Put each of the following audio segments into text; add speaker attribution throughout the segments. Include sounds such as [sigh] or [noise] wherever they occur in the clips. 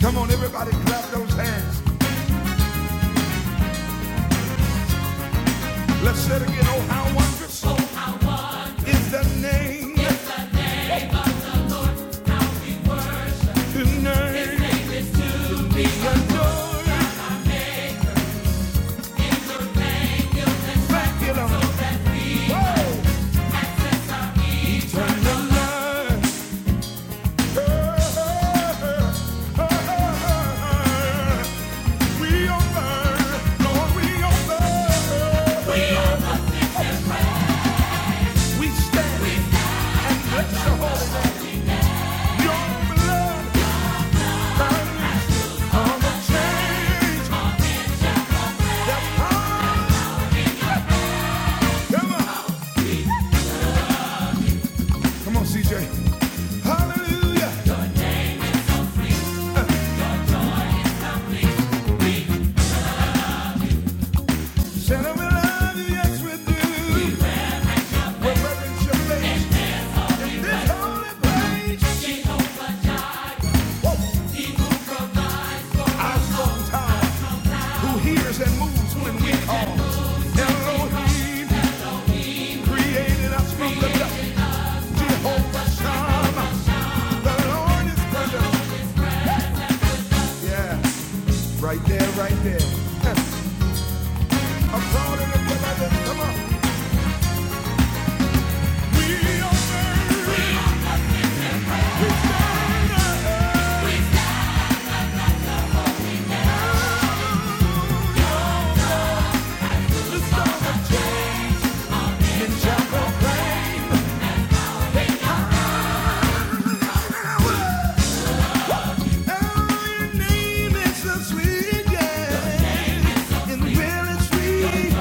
Speaker 1: Come on, everybody, clap those hands. Let's say it again. Oh, how wonderful is the name, the name we adore. Back it up. Whoa. Turn the light. Oh, oh, oh, oh. We are burn. Lord, we are burn. We stand. We bless your holy name. Your blood hangs on the chains that bind. Come on, come on, CJ. Hallelujah. Santa, we love you. Yes, we do. We'll reverence your face in this holy place. Woo. Our strong tower, who hears and moves when we call. Elohim. Created us from the dust. Jehovah Shammah. The Lord is with us. Yeah. Right there, right there. [laughs] I'm proud of the beloved. Come on. We obey. We stand. up. The song of Jacob and shall proclaim. Oh, your name is so sweet, yeah. And will it's sweet.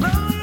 Speaker 1: Hey!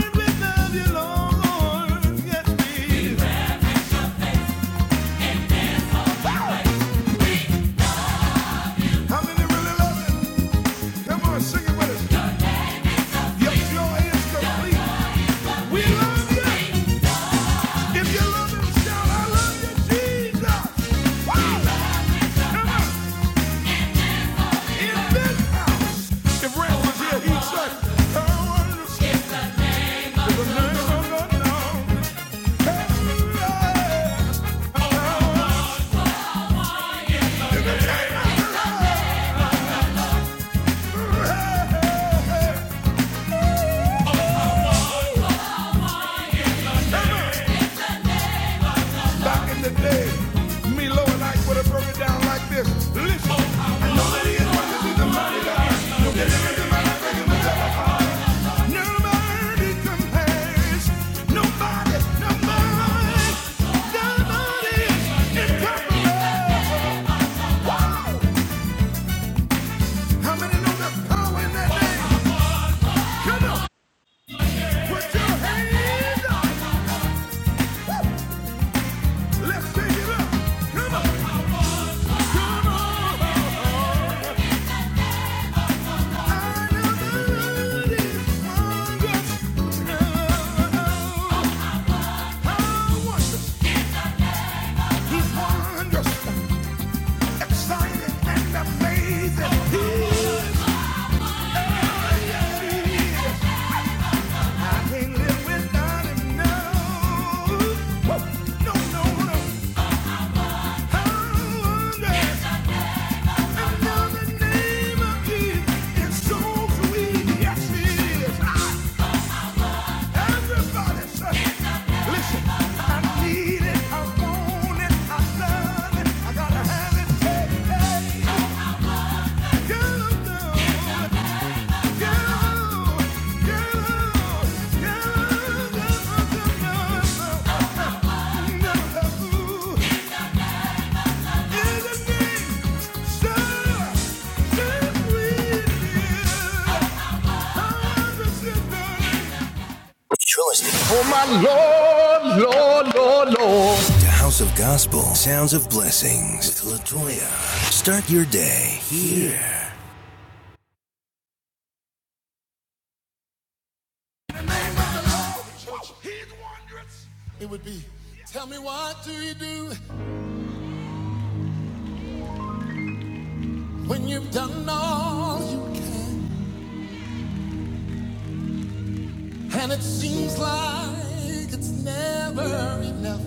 Speaker 1: Back in the day, Milo and I would have broke it down like this. Listen, I know that he is right to do the mighty God. No I can Nobody compares. Nobody, nobody, nobody is Wow! How many know there's power in that name? Come on, put your hands up. Let's take it Come on, come on. Yes, it is. If You're listening Oh my Lord, Lord, Lord, Lord. to House of Gospel, Sounds of Blessings with Latoya. Start your day here. In the the name of the Lord, he's wondrous. It would be, tell me what do you do when you've done all you can? And it seems like it's never enough.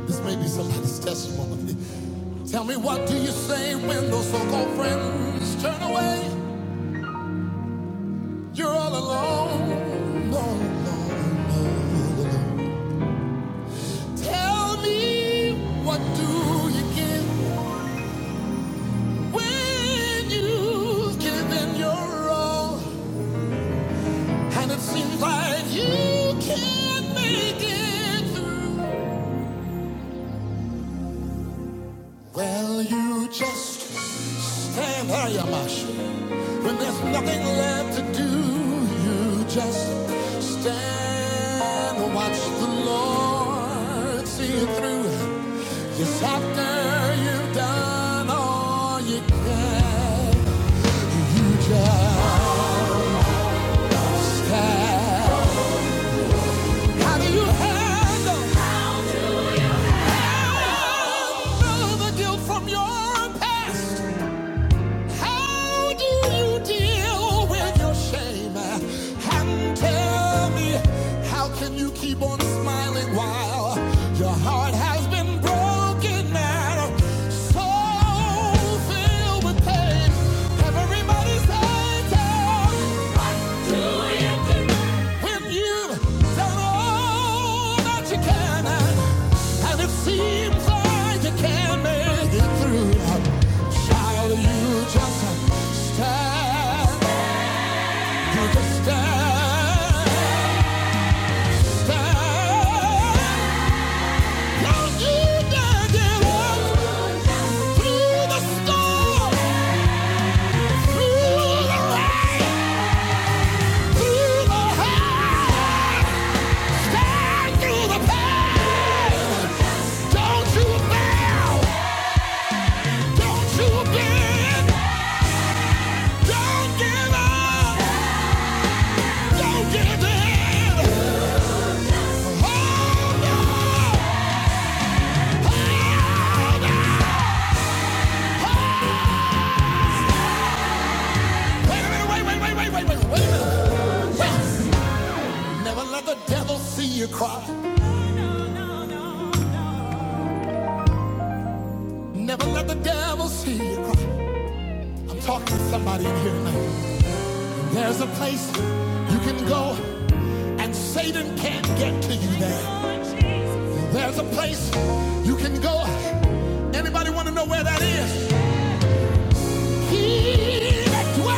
Speaker 1: This may be somebody's testimony. Tell me what do you say when those so-called friends turn away? You're all alone. No, no, no, no, no. Tell me, what do you get when you've given your all? And it seems like you can't make it through. Well, you just Stand high, Yamash. When there's nothing left to do, you just stand and watch the Lord see you through. Yes, after you've done all you can, you just have. How do you handle? How do you Handle Handle the guilt from your past. How do you deal with your shame? And tell me, how can you keep on smiling while your heart has been broken and so filled with pain? Everybody's hurting. When you've done all that you can, and it seems like you can't make it through, child, you just stand. You just stand. Stand. Cause you did it through the storm, through the rain, through the hell. Stand through the pain. Don't you fail. Don't you bend. Don't give up. Don't give in. Wait a minute. Wait, wait, wait, wait, wait, wait, wait a minute. Yes. Never let the devil see you cry. Never let the devil see you cry. I'm talking to somebody in here tonight. There's a place you can go and Satan can't get to you there. There's a place you can go. Anybody want to know where that is? He that dwells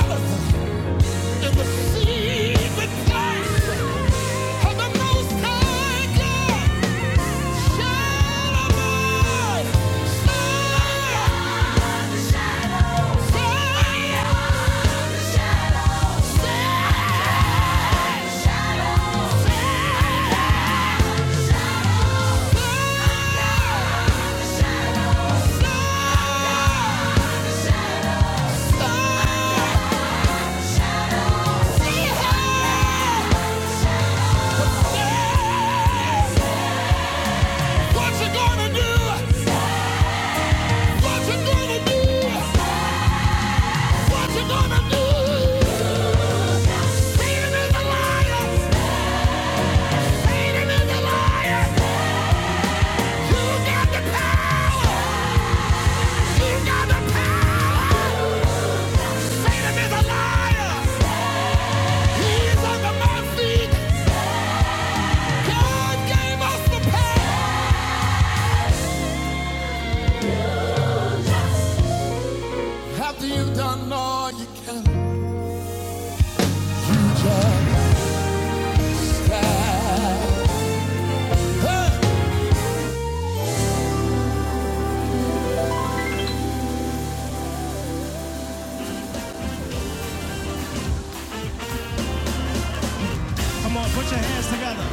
Speaker 1: What you gonna do? What you gonna do? What you gonna do? Satan is a liar. Satan is a liar. You got the power. You got the power. Satan is a liar. He under my feet. God gave us the power. After you've done all you can, you just die. Come on, put your hands together.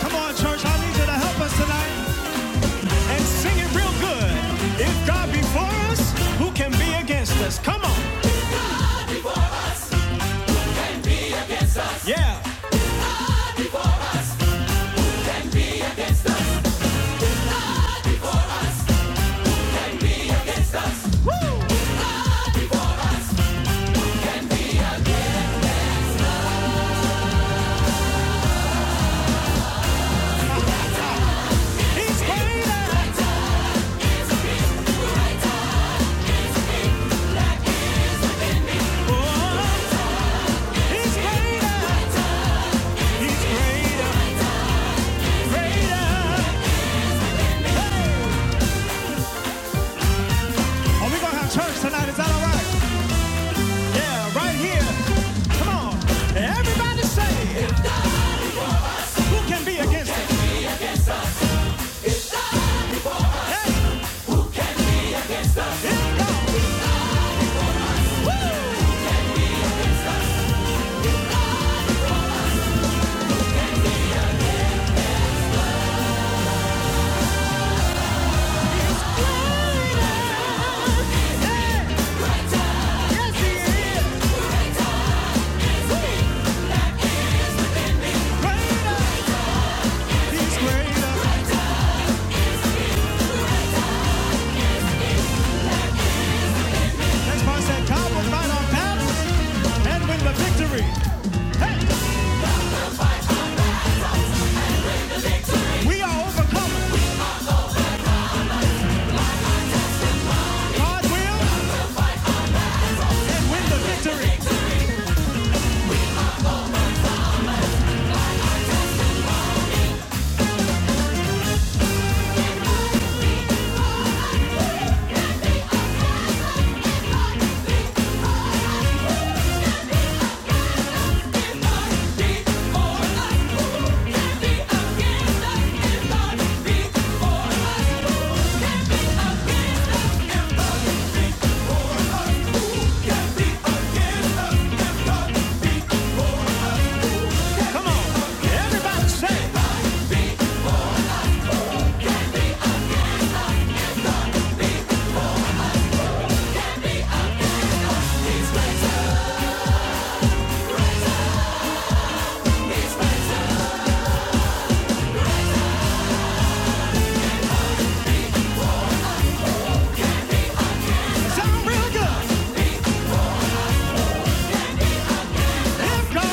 Speaker 1: Come on, church, I need you to help us tonight. and sing it real good. If God be for us, who can be against us? Come on, yeah. He's greater. Oh, he's greater. He's greater. Greater. Hey. Are we gonna have church tonight? Is that all right? Yeah, right here. Come on, everybody say, who can be against us? That's greater. He's greater. That's why I said God will fight our battles and win the victory. Hey, we are overcomers. God will. win the victory. Everybody say something real good. If God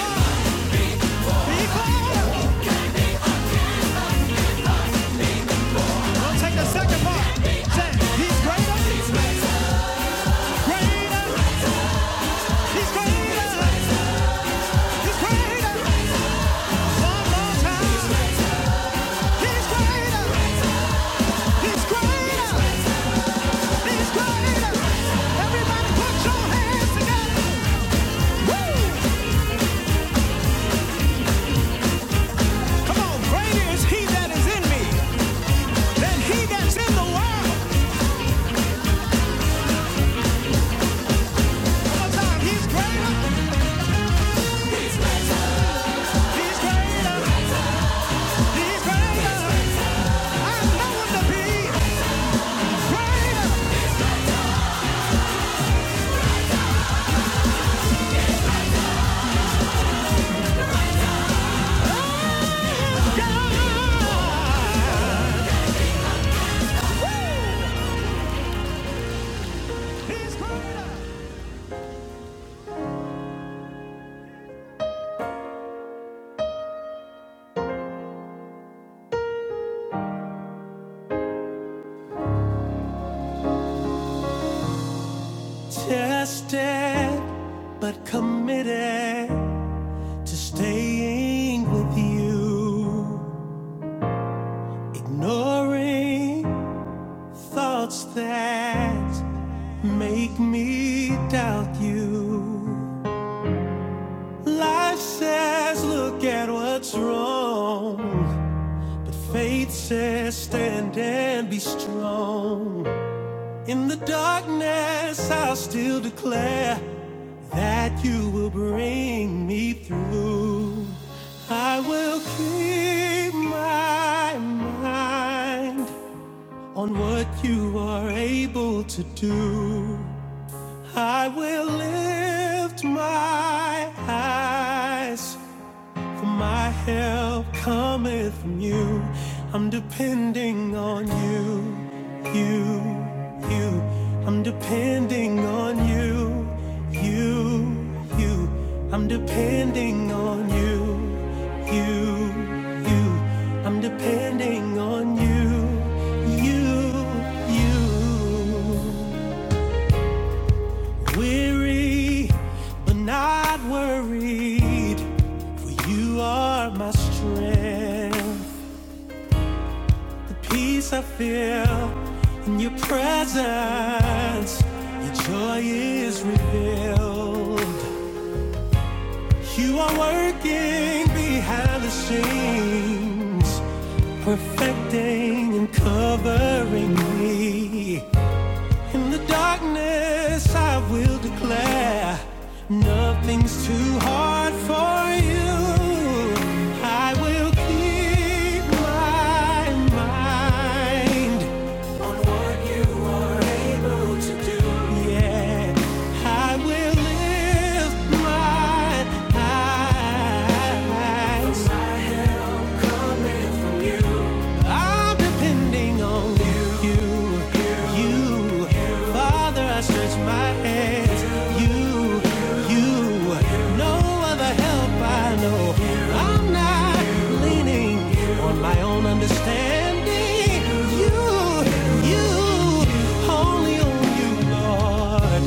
Speaker 1: be greater. Now take the second part. Say, he's greater. Greater. He's greater. He's greater. Tested, but committed. to staying with you, ignoring thoughts that make me doubt you. Life says, Look at what's wrong. Faith says, Stand and be strong. In the darkness, I'll still declare that you will bring me through. I will keep my mind on what you are able to do. I will lift my eyes for my help cometh from you. I'm depending on you, you, you. I'm depending on you, you, you. I'm depending on you, you, you. I'm depending on you, you, you. Weary, but not worried, for you are my strength. The peace I feel in your presence, your joy is revealed. You are working behind the scenes, perfecting and covering me. In the darkness, I will declare nothing's too hard for you. I will keep my mind, yeah. I will lift my eyes I'm depending on you, you, you. you. Father, I stretch my hands. You, you, no other help I know. I'm not leaning on my own understanding. You, you, only on you, Lord.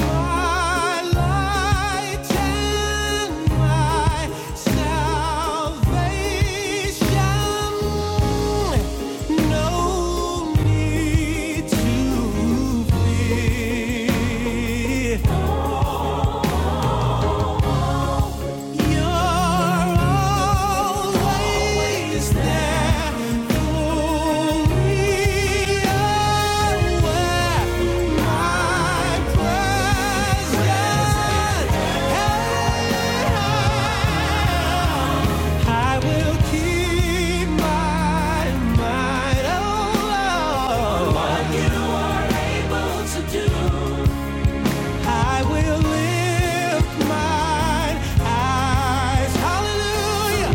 Speaker 1: My light and my salvation. No need to fear. You're always there for me, oh, my presence I will keep my mind alone. I will lift my eyes, hallelujah.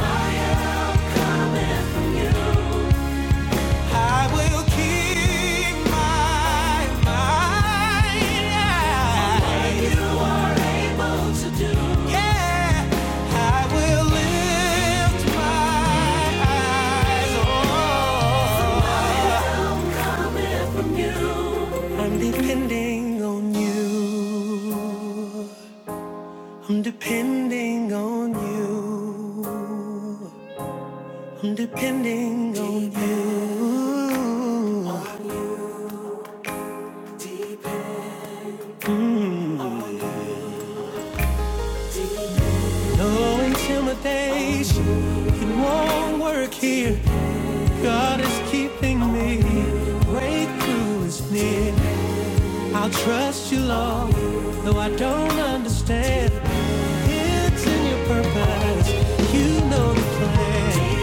Speaker 1: I will keep my mind. Yeah, I will lift my eyes. Oh, I'm depending on you. I'm depending on you. I'm depending on you. No intimidation, it won't work here. God is keeping me. Breakthrough is near. I'll trust you, though I don't understand. In your purpose, on the plan.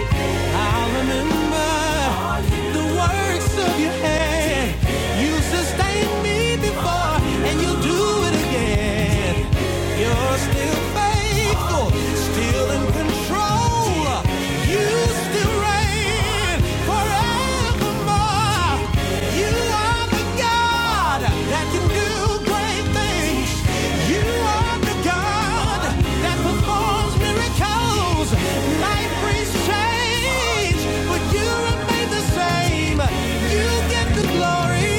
Speaker 1: I'll Do it again. You're still faithful, still in control. You still reign forevermore. You are the God that can do great things. You are the God that performs miracles. life brings change, but you remain the same. You get the glory.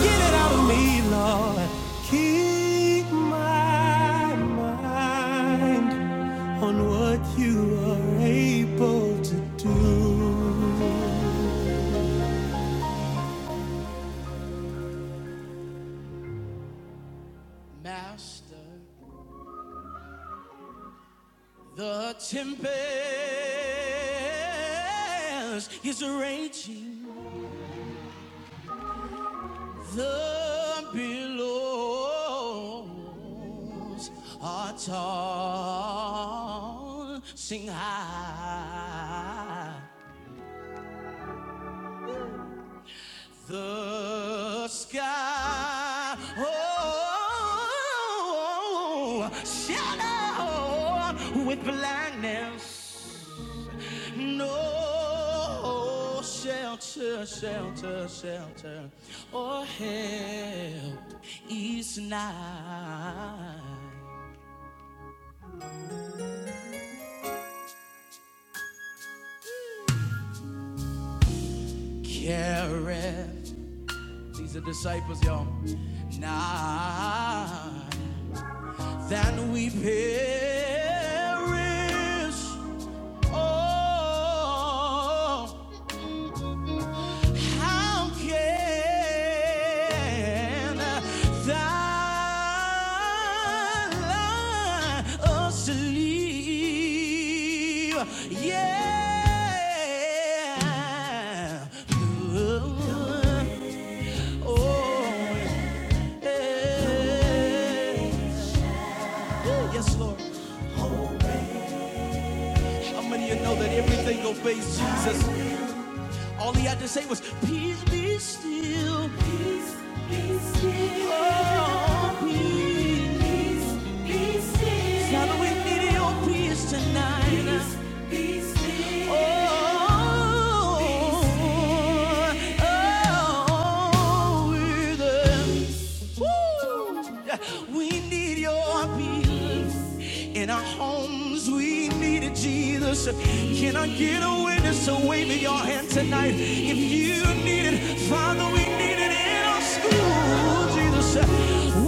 Speaker 1: Get it out of me, Lord. Keep my mind on what you are able to do. Master, the tempest is raging. The billows are tall. Sing high. The sky oh, shadow with blackness. No shelter, shelter, shelter, or help is nigh. Careth, these are disciples, y'all. Nigh, than we perish. Oh, how can thou sleep? Yeah. Oh, yeah. Yes, Lord. How many of you know that everything obeys Jesus? All he had to say was, Peace be still. Peace be still. Oh, peace. Peace be still. Father, we need your peace tonight. Peace be still. Oh, oh, oh, we're the- Woo! We need your peace. In our homes, we needed Jesus. Can I get a witness to wave your hand tonight? If you need it, Father, we need it in our school, Jesus.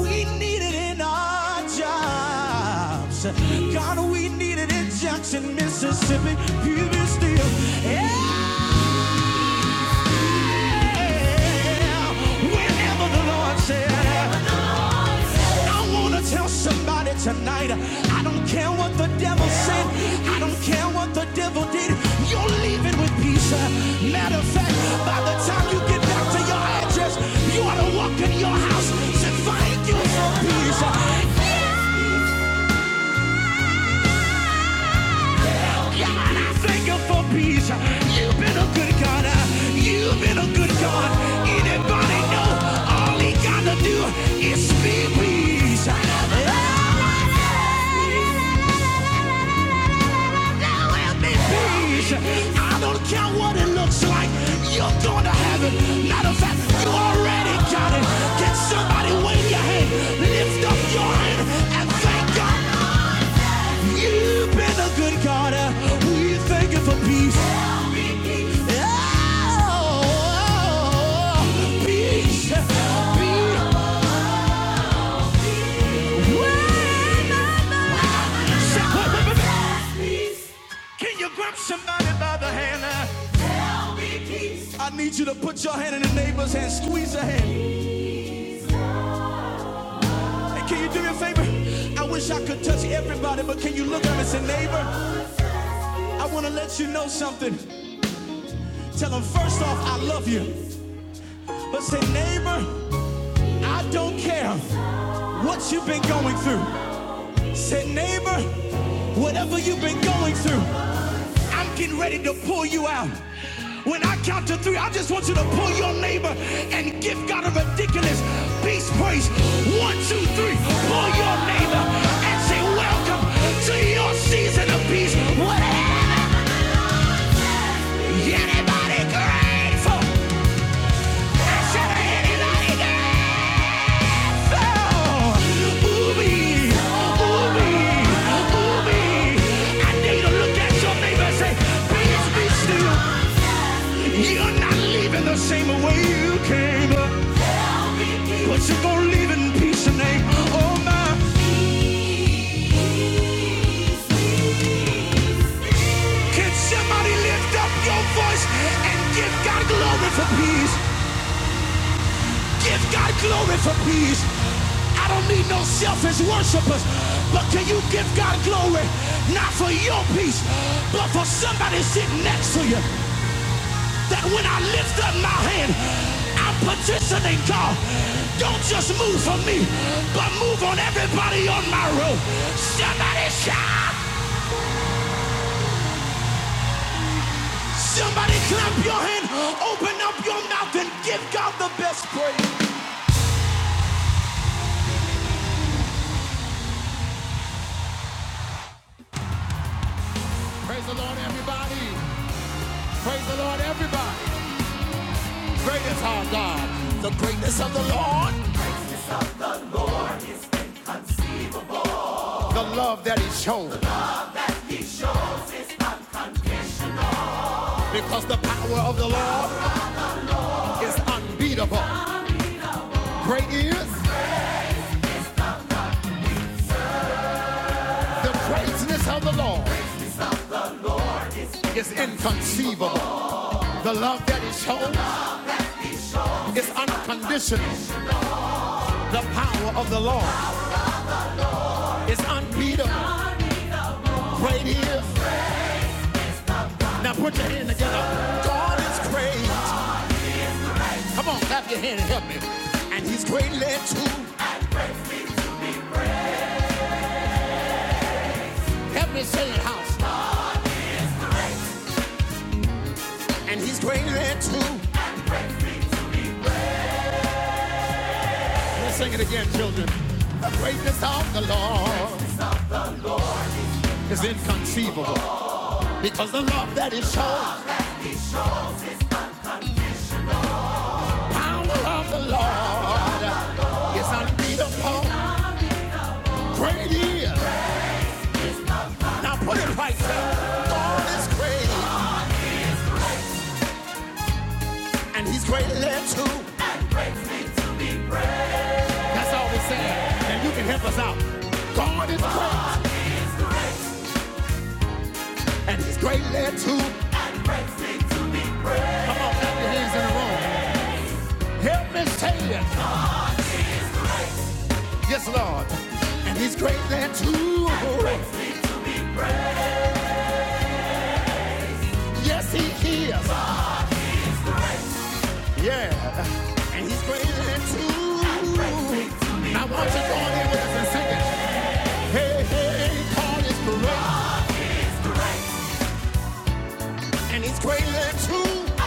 Speaker 1: We need it in our jobs. God, we need it in Jackson, Mississippi, Puget Steel. Yeah. Whenever the I wanna tell somebody tonight I don't care what the devil said, I don't care what the devil did, you're leaving with peace. Matter of fact, by the time you get back to your address, you ought to walk in your house and thank you for peace. God, I thank you for peace. You've been a good God. You've been a good God. Anybody know all he gotta do is be peace? There will be peace. I don't care what it looks like. You're going to heaven. Matter of fact, you already got it. Can somebody wave your hand? Lift up your hand and thank God. You've been a good God. Can you grab somebody by the hand? uh, Touch everybody, but can you look at me, and say, neighbor, I want to let you know something. Tell them first off, I love you. But say, neighbor, I don't care what you've been going through. Said, neighbor, whatever you've been going through, I'm getting ready to pull you out. When I count to three, I just want you to pull your neighbor and give God a ridiculous peace praise. One, two, three. Pull your neighbor and say, Welcome to your season of peace. What Is anybody grateful? I said, anybody grateful? glory For peace, I don't need no selfish worshipers, but can you give God glory not for your peace, but for somebody sitting next to you? that when I lift up my hand, I'm petitioning God. Don't just move for me, but move on everybody on my road. Somebody shout. Somebody clap your hand. Open up your mouth and give God the best praise. Everybody, praise the Lord, everybody. Great is our God. The greatness of the Lord, the love that He showed, because the power of the Lord is unbeatable. Great is the greatness of the Lord is inconceivable. The love that is shown is unconditional. The power of the Lord is unbeatable. Great he is. Now put your hand together. God is great. Come on, clap your hand and help me. And he's greatly too. Help me sing it, house. And he's greatly too. Let's sing it again, children. Greatness of the Lord is inconceivable because the love that is shown, power of the Lord, is unbeatable. Great he is. Now put it right. there. God is great. and he's greatly too. That's all we are Saying, And you can help us out. God is great, and he's greatly too. Come on, clap your hands in the room. Yes, Lord. yeah. And he's greatly too. Why don't you go with us and sing it? Hey, great, and he's greatly too.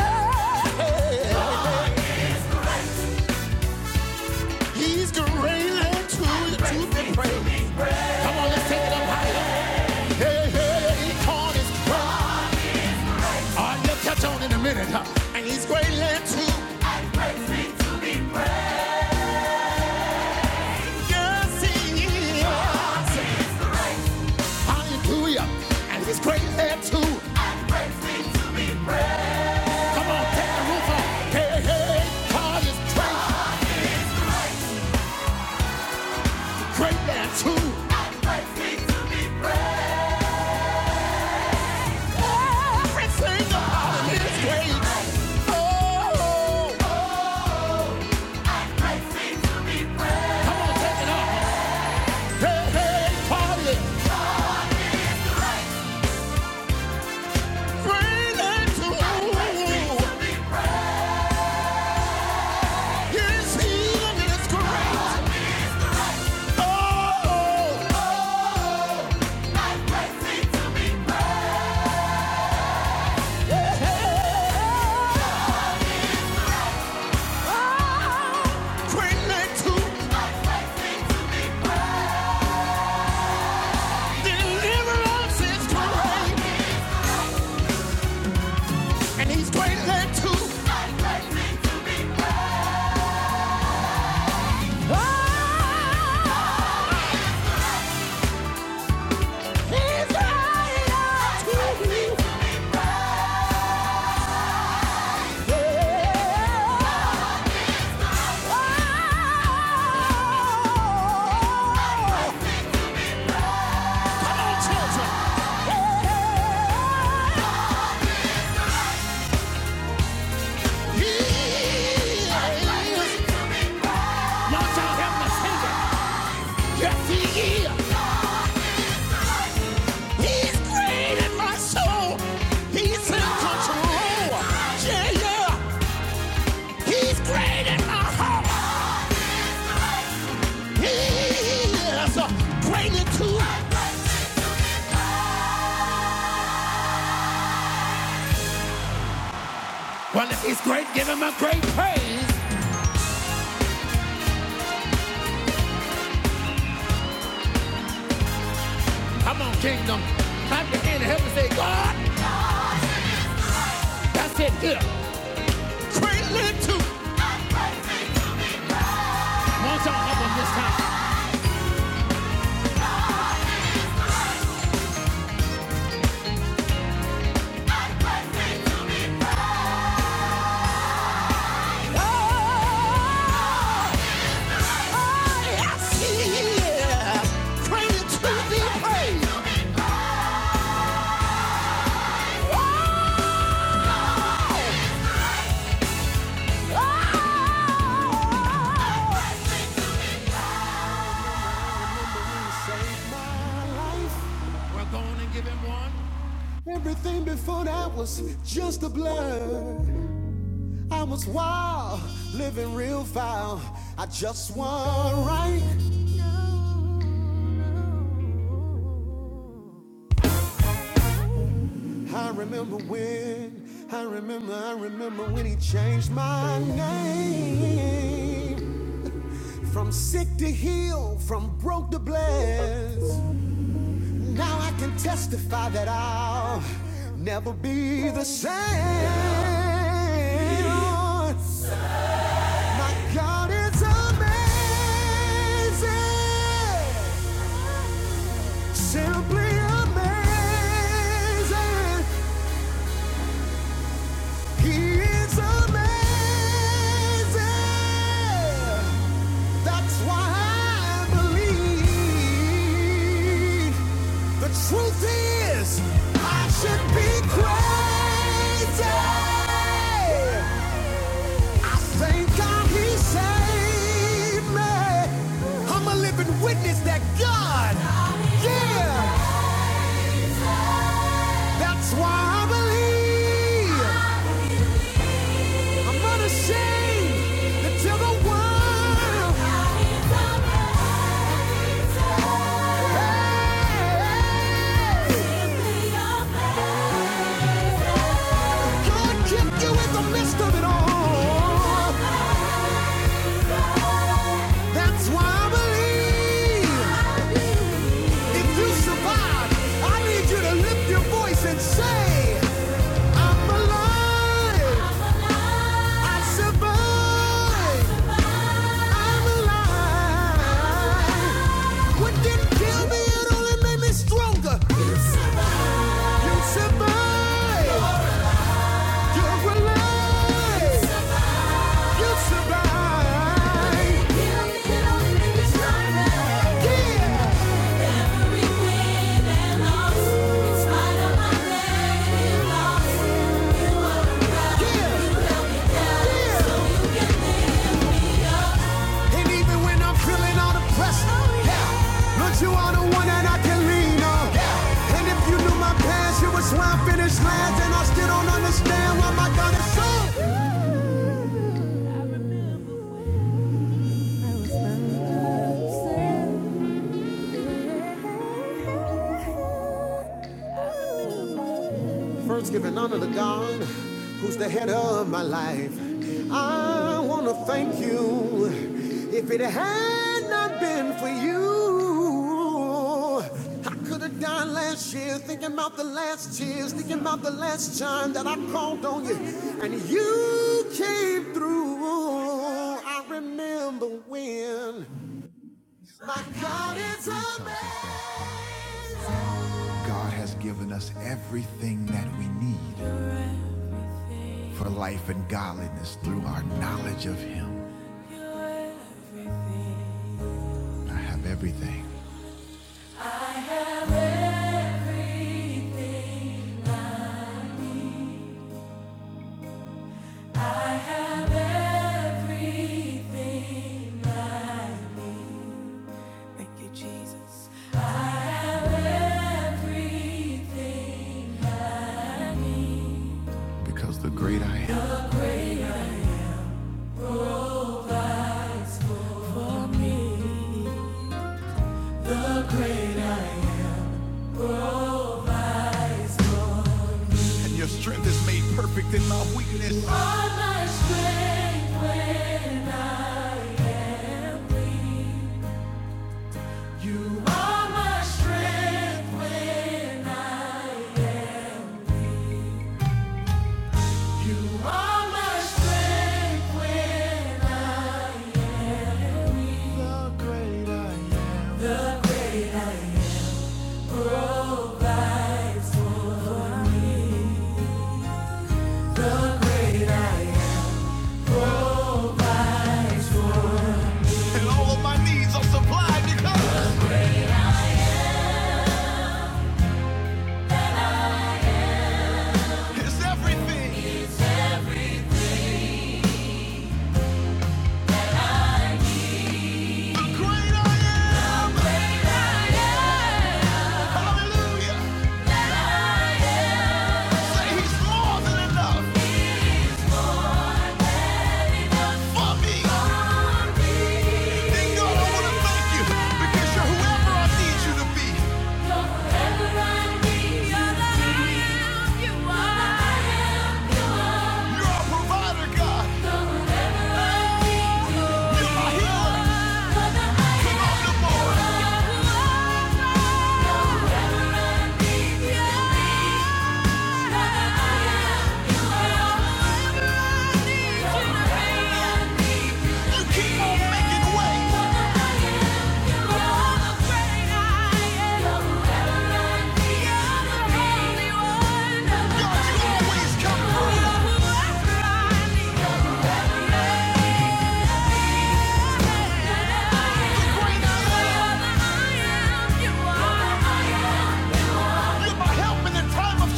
Speaker 1: Hey, he's greatly too. The truth and praise. Come on, let's take it up higher. Hey, hey, God is great. All right, you'll catch on in a minute, huh? And he's greatly too. Yes, Hallelujah. And he's great there too. Come on, take the roof off. Hey, hey, God is great, great there too. Oh, he's great there too. He's great. There's too. Well, if he's great, give him a great praise. Come on, kingdom. Clap your hand and help me say, God, that's it. Get up. Malta up on this time. Oh, oh yes, y'all help him this time? We're going to give him one. Oh, Living real foul, I just want right. I remember when, I remember, I remember when he changed my name. From sick to heal, from broke to blessed. Now I can testify that I'll never be the same. My God is amazing. Simply amazing. He is amazing. That's why I believe the truth is I should be crazy. Thank God he saved me. I'm a living witness that God, yeah, that's why I believe. I'm not ashamed to tell the world God kept you in the midst of it all. That's why I believe if you survive, I need you to lift your voice and say, I'm alive. I'm alive. I survived. I'm alive. What didn't kill me, it only made me stronger. You survived. You survived. You're alive. You survived. What didn't kill me, it only made me stronger. Yeah. And even when I'm feeling all the pressure, oh, yeah. Lord, you are the one that I can lean on. Yeah. And if you knew my past, you was where I finished last, and I still don't understand why my God is so. I was First, giving honor to God, who's the head of my life. I want to thank you. If it had not been for you, I could have died last year, thinking about the last tears, thinking about the last time that I called on you. And you came through. I remember when my God is a man. Thank you, Jesus. And all of my needs are supplied because it's everything. great I am. Hallelujah. Say he's more than enough for me. Then God, I want to thank you because you're whoever I need you to be. You're our provider, God. You're my healer. Keep on making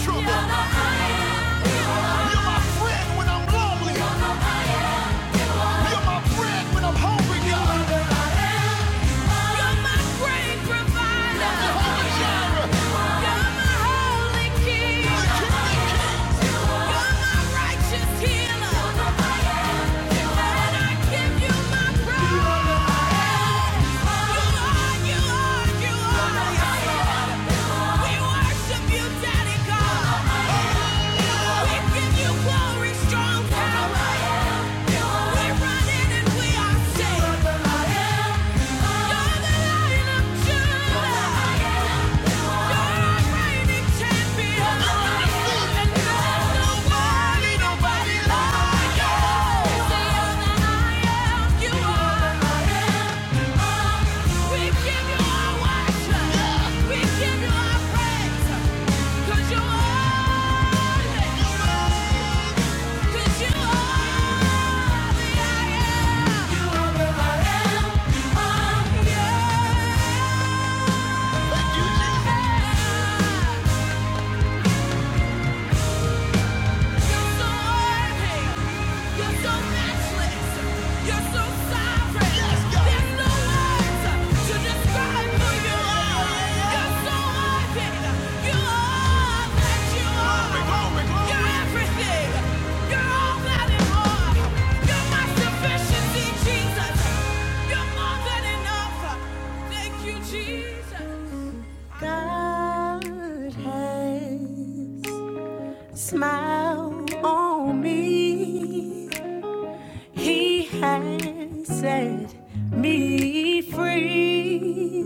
Speaker 1: Trouble. You're my friend when I'm lonely. You're my I am. You're my bread when I'm hungry, God. You're my great provider. You're my holy king. You're my righteous healer. And I give you my praise. You are, you are, you are. We worship Nobody, nobody like you. Yeah. Jesus. God has smile on me. He has set me free.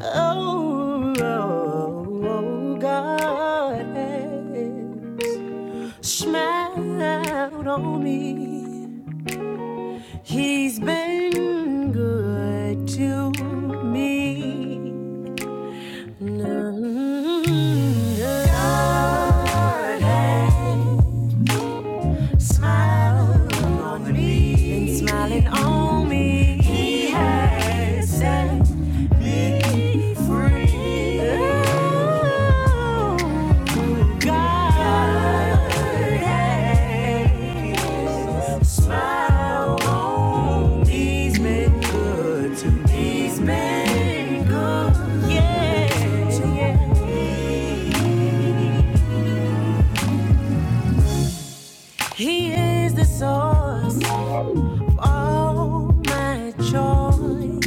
Speaker 1: Oh, oh, oh, God has smiled on me. He's been good to me. mm Lord has Smiling on me, been smiling on me. He has set me free. Ooh, God has smiled on me. He's been good to me. He's been good. Yeah, yeah. He is the source. all my joy.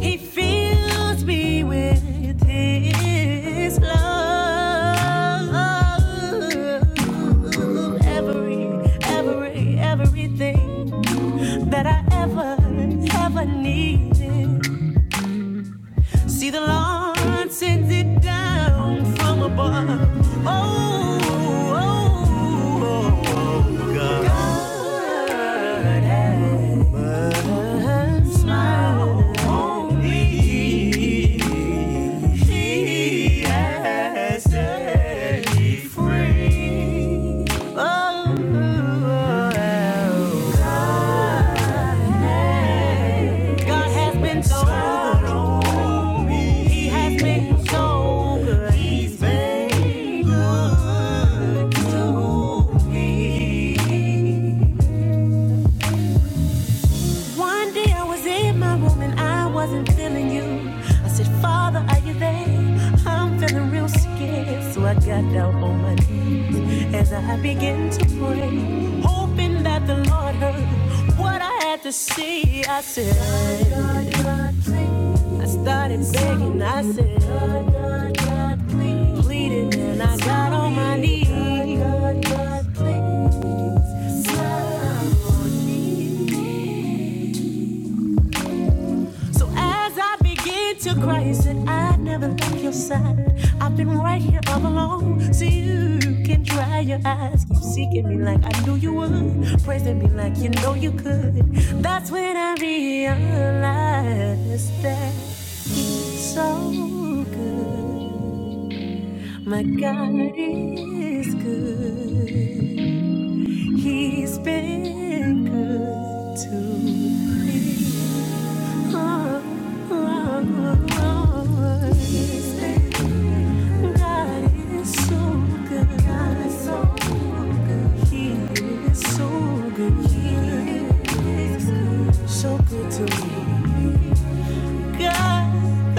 Speaker 1: He fills me with his love. Every, every, everything that I ever, ever needed. See, the Lord sends it down from above. Oh, oh, oh, oh, God. God Smile on me. He has set me free. Oh, God has been so good. He has been so good. He's been good to me. One day I was in my room and I wasn't feeling you. I said, Father, are you there? I'm feeling real scared. So I got down on my knees as I began to pray, hoping that the Lord heard what I had to say me. I said, I started begging. I said, pleading, and I got on my knees. So as I begin to cry, you said I've never left your side. I've been right here all along, so you can dry your eyes. Keep seeking me like I knew you would, praising me like you know you could. That's when I realized that he's so good. My God is good. He's been good to me. So good to me. God,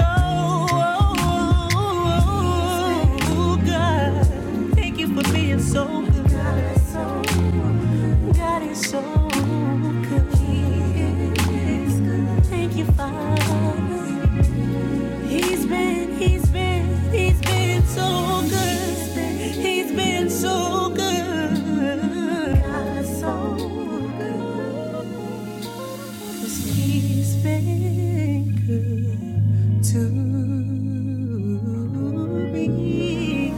Speaker 1: oh, God, thank you for being so good. God is so good. so good. Thank you, Father. He's been, he's been, he's been so good. He's been so good. God, so good. 'Cause he's been good to me.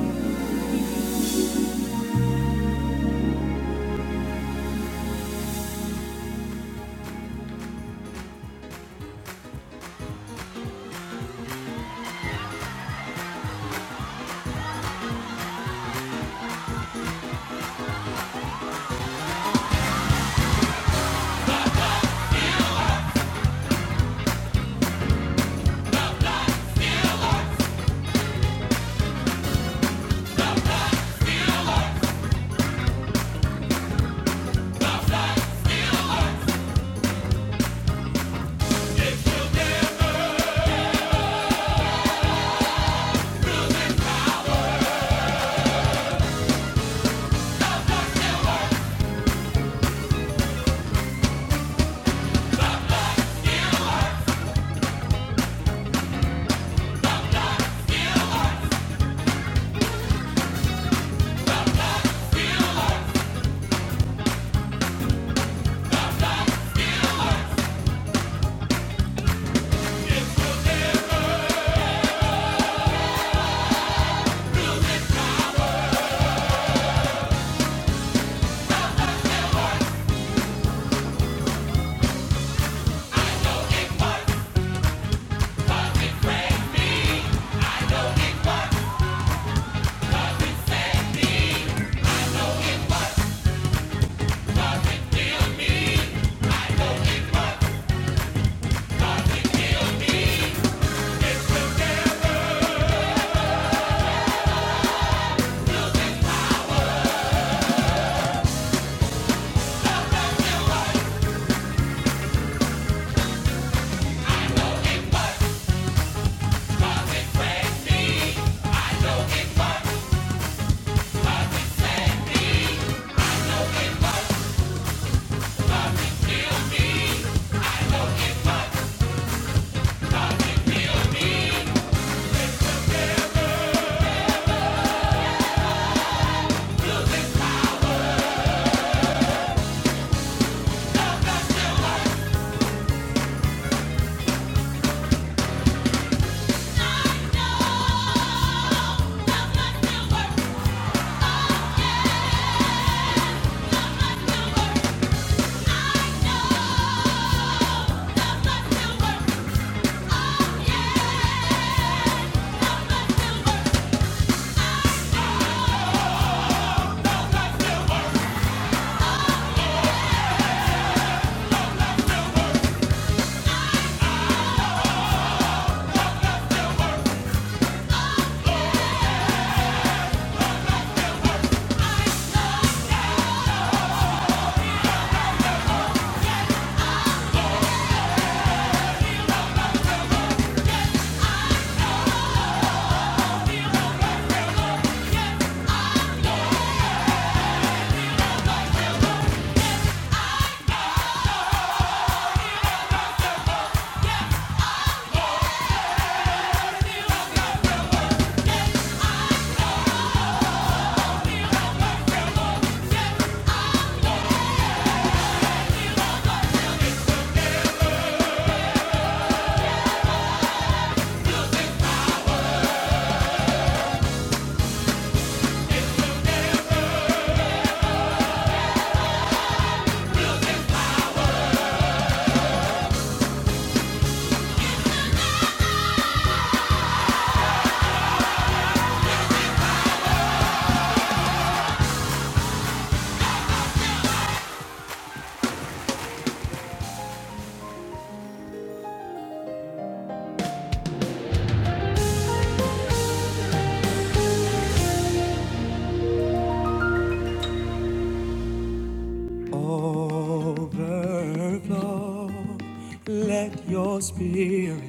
Speaker 1: Overflow. Let your spirit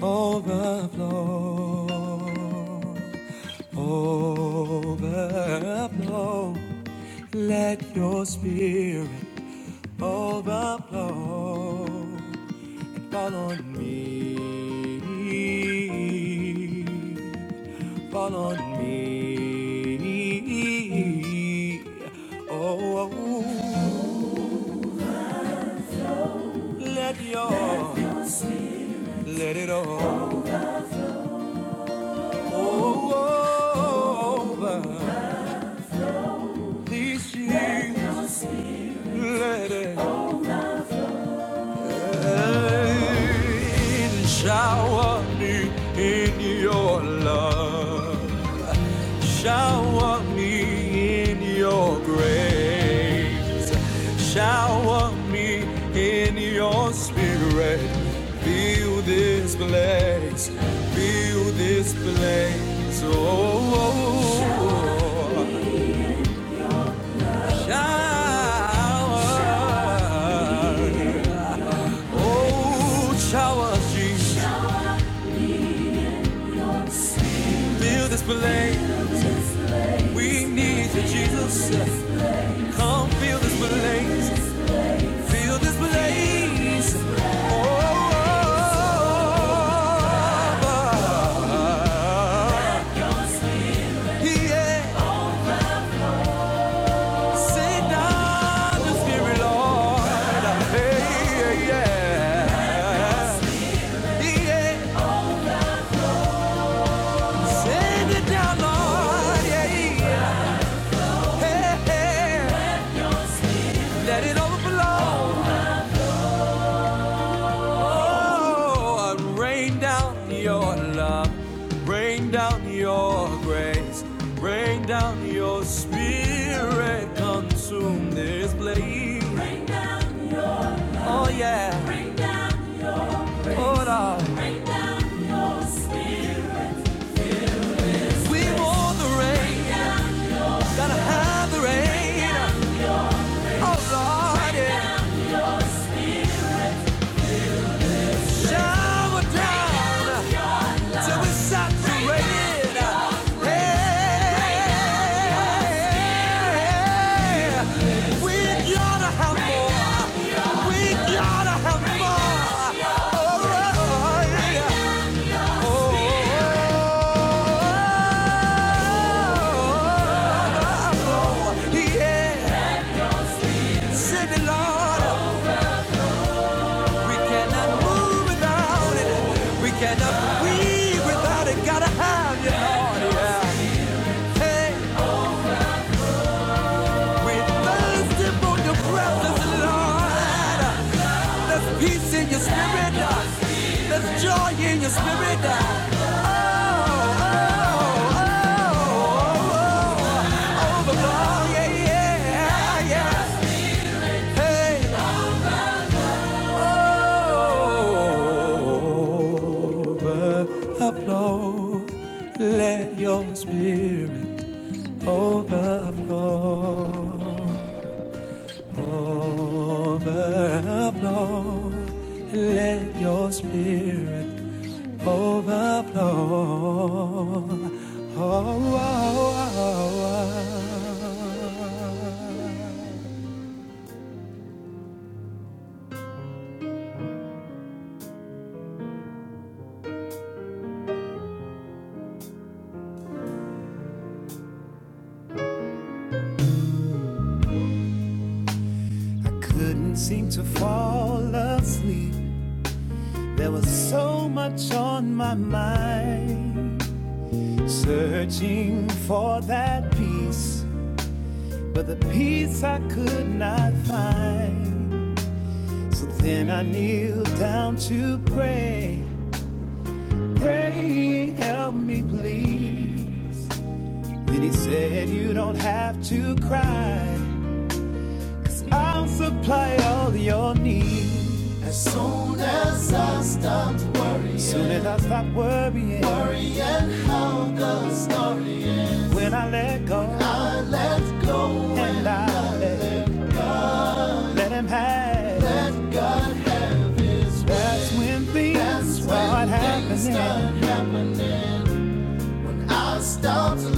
Speaker 1: overflow. Overflow, let your spirit overflow. Fall on me. and shower me in your love. Shower me in your grace. Shower me in your spirit. Fill this place. Fill this place. Oh, oh, oh, bend it down, Lord. Yeah, yeah. Let it overflow. Oh, rain down your love, rain down your. We cannot move without it. We cannot breathe without it. Gotta have you, Lord. Yeah. Hey, we're thirsty for your presence, Lord. There's peace in your spirit. There's joy in your spirit. Oh, oh, oh, oh, oh, oh, yeah, yeah, yeah. Hey. Couldn't seem to fall asleep. There was so much on my mind. Searching for that peace, but the peace I could not find. So then I kneeled down to pray. Pray, help me please. Then he said, You don't have to cry. I'll supply all your needs. as as soon as I stopped Soon as I stop worrying, Worry the stories. when I let go, when I let go and I let, let him have. it. That's when things start happening. I start to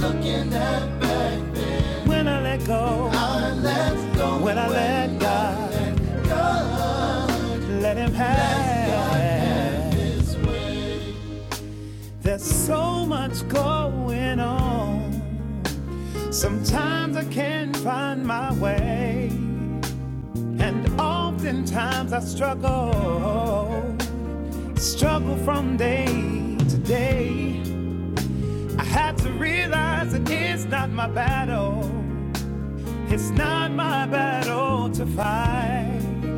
Speaker 1: When I let go, I when I let God, I let let Him have. There's so much going on. Sometimes I can't find my way, and oftentimes I struggle. Struggle from day to day. I had to realize it is not my battle. It's not my battle to fight.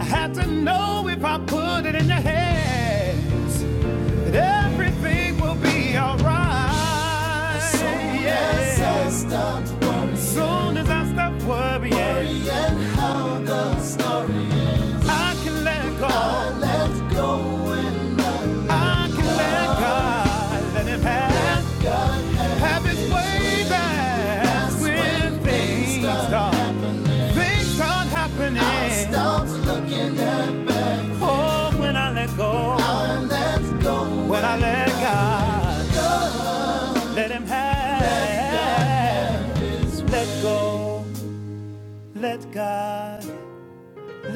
Speaker 1: I had to know if I put it in your hands that everything will be alright. As soon as yeah. I Yeah. stop As soon as I stop worrying, worrying, I can let go. I, let I can let go. Let God let Him have. have its way back when things start. Things start happening. Oh, when I let go, when I let God, let Him have. Let go, let God,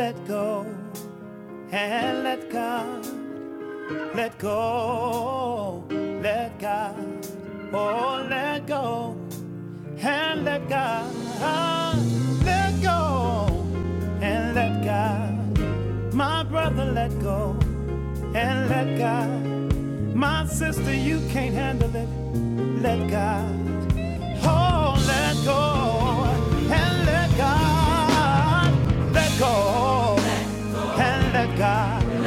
Speaker 1: let go, and let God, let go, let God. Oh, let go and let God. Let go and let God. My brother, let go and let God. My sister, you can't handle it. Let God. Oh, let go and let God. Let go and let God.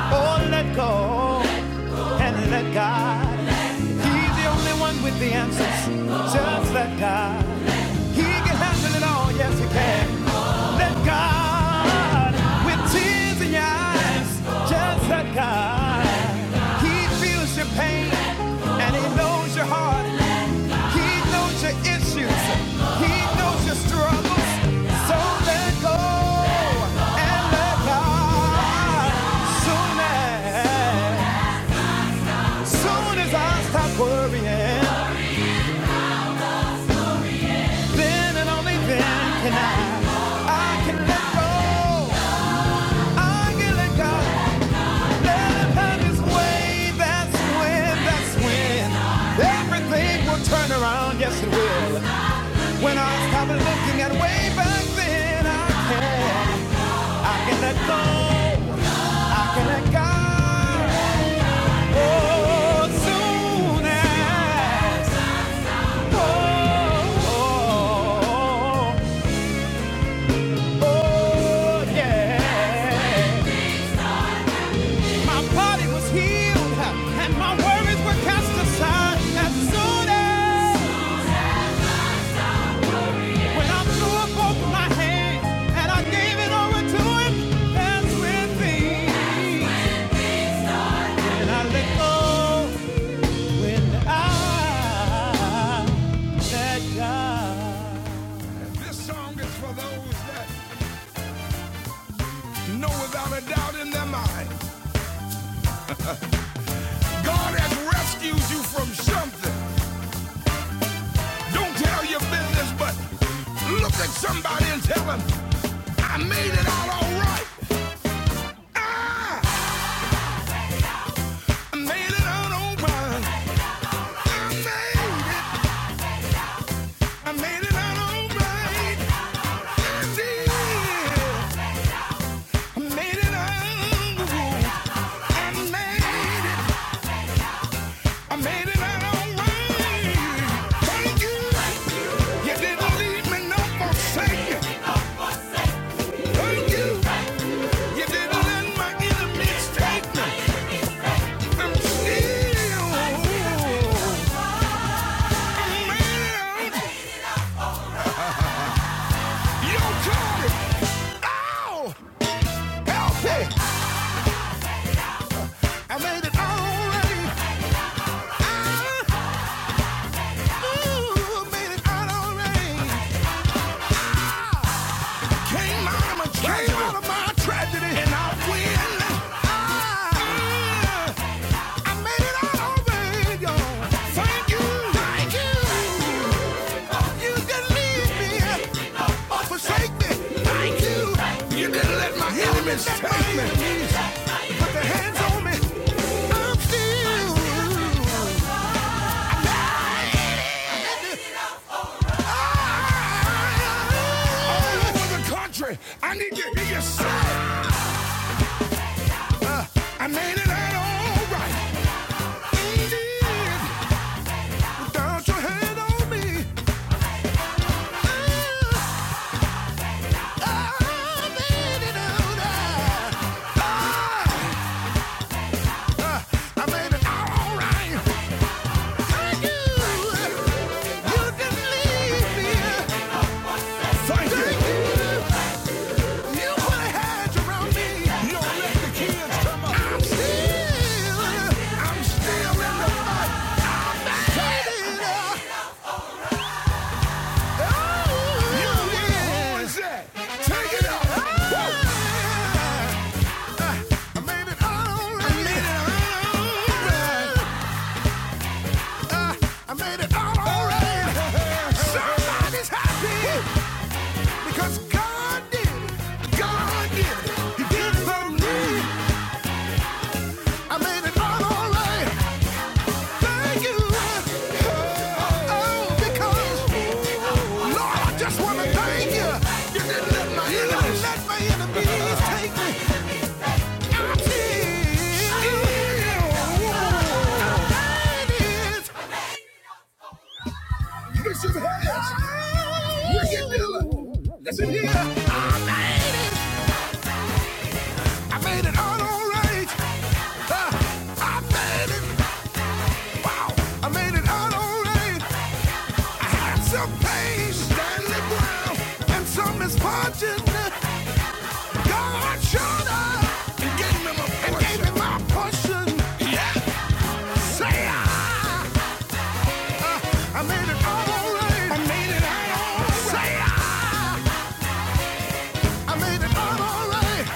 Speaker 1: Oh, let go and let God. He's the only one with the answers. Just let God. He can handle it all. Yes, he can. Let God. With tears in your eyes. Just let God. He feels your pain and he knows your heart. He knows your issues. He knows your struggles. So let go and let God. Soon as, soon as I stop worrying. Then and only then can I. I can let go. I can let God. Let Him have His way. That's when. That's when everything will turn around. Yes, it will. When I stop looking at way back then, I can. I can let go. I can let God. Oh, soon as. Oh, oh, oh, oh yeah. My body was healed and my worries were cast aside. As soon as when I threw up both my hands, This song is for those that know without a doubt in their mind God has rescued you from something. Don't tell your business, but look at somebody and tell them, I made it out all right. Ah, I made it out all right. I made it. I made it out all right. I did. I made it out. I made it. I made it out all right. Thank you. You didn't leave me no forsaken. Thank you. You didn't let my enemies take me. I'm I made it. You told it. Oh, help I made it all right. I ooh, made it out all right. Came out of my tragedy. Came out of my tragedy. And I win. I, I made it all over, y'all. Thank you. Thank you. You didn't leave me or forsake me. Thank you. You didn't let my enemies take me. Put their hands on me. I'm still. I, All over the country, I need to hear you say. I made it out all right. Indeed, without your hand on me. Ah, I made it out right. Ah, I made it out all right. Thank you. You can leave me. Thank you. You put a hedge around me. You don't let the kids come up. I'm still, I'm still in the fight. I made it out. God did it. He did it for me. I made it all alright. Thank you. Oh, because, Lord, I just want to thank you. You didn't let my enemies take me. I feel- Bishop listen here. I made it out all right. Uh, I made it. Wow. I made it out all right. Some pain standing ground, and some misfortune. God showed up and gave me my portion. And gave me my portion. Yeah. Say I, I made it all alright. I made it all alright. Say I, I made it all alright.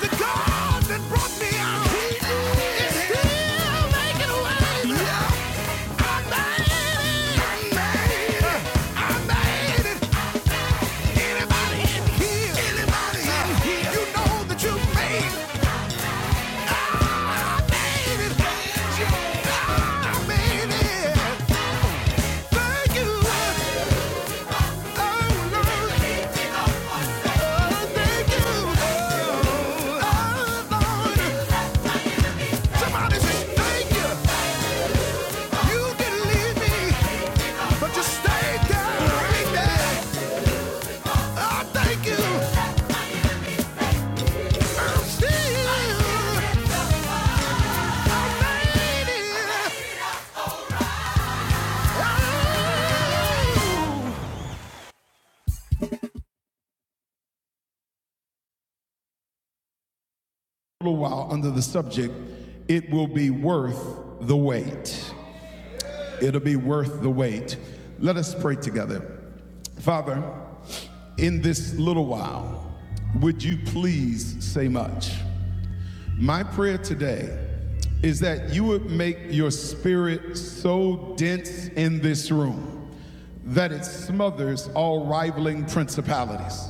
Speaker 1: The God that brought me out, He is still making a way. Yeah. I made it. I made it. I made it. Anybody in here? Anybody in here? You know that you made it. I made it for you. Oh, Lord. Oh, thank you. Oh, Lord. Somebody say thank you. You did leave me, but you stayed there right there. Oh, thank you. I'm still. I made it. Oh. little while under the subject, it will be worth the wait. It'll be worth the wait. Let us pray together. Father, in this little while, would you please say much? My prayer today is that you would make your spirit so dense in this room that it smothers all rivaling principalities.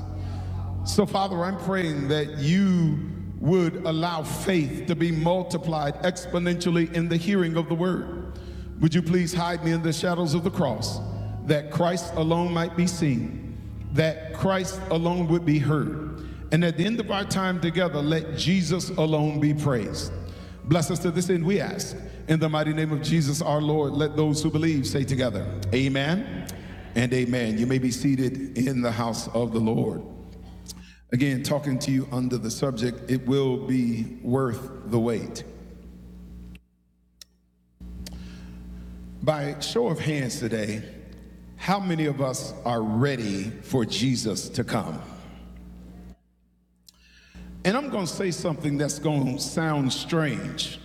Speaker 1: So, Father, I'm praying that you would allow faith to be multiplied exponentially in the hearing of the word. Would you please hide me in the shadows of the cross that Christ alone might be seen, that Christ alone would be heard, and at the end of our time together, let Jesus alone be praised. Bless us to this end, we ask. In the mighty name of Jesus our Lord, let those who believe say together, Amen and Amen. You may be seated in the house of the Lord. Again, talking to you under the subject, it will be worth the wait. By show of hands today, how many of us are ready for Jesus to come? And I'm going to say something that's going to sound strange,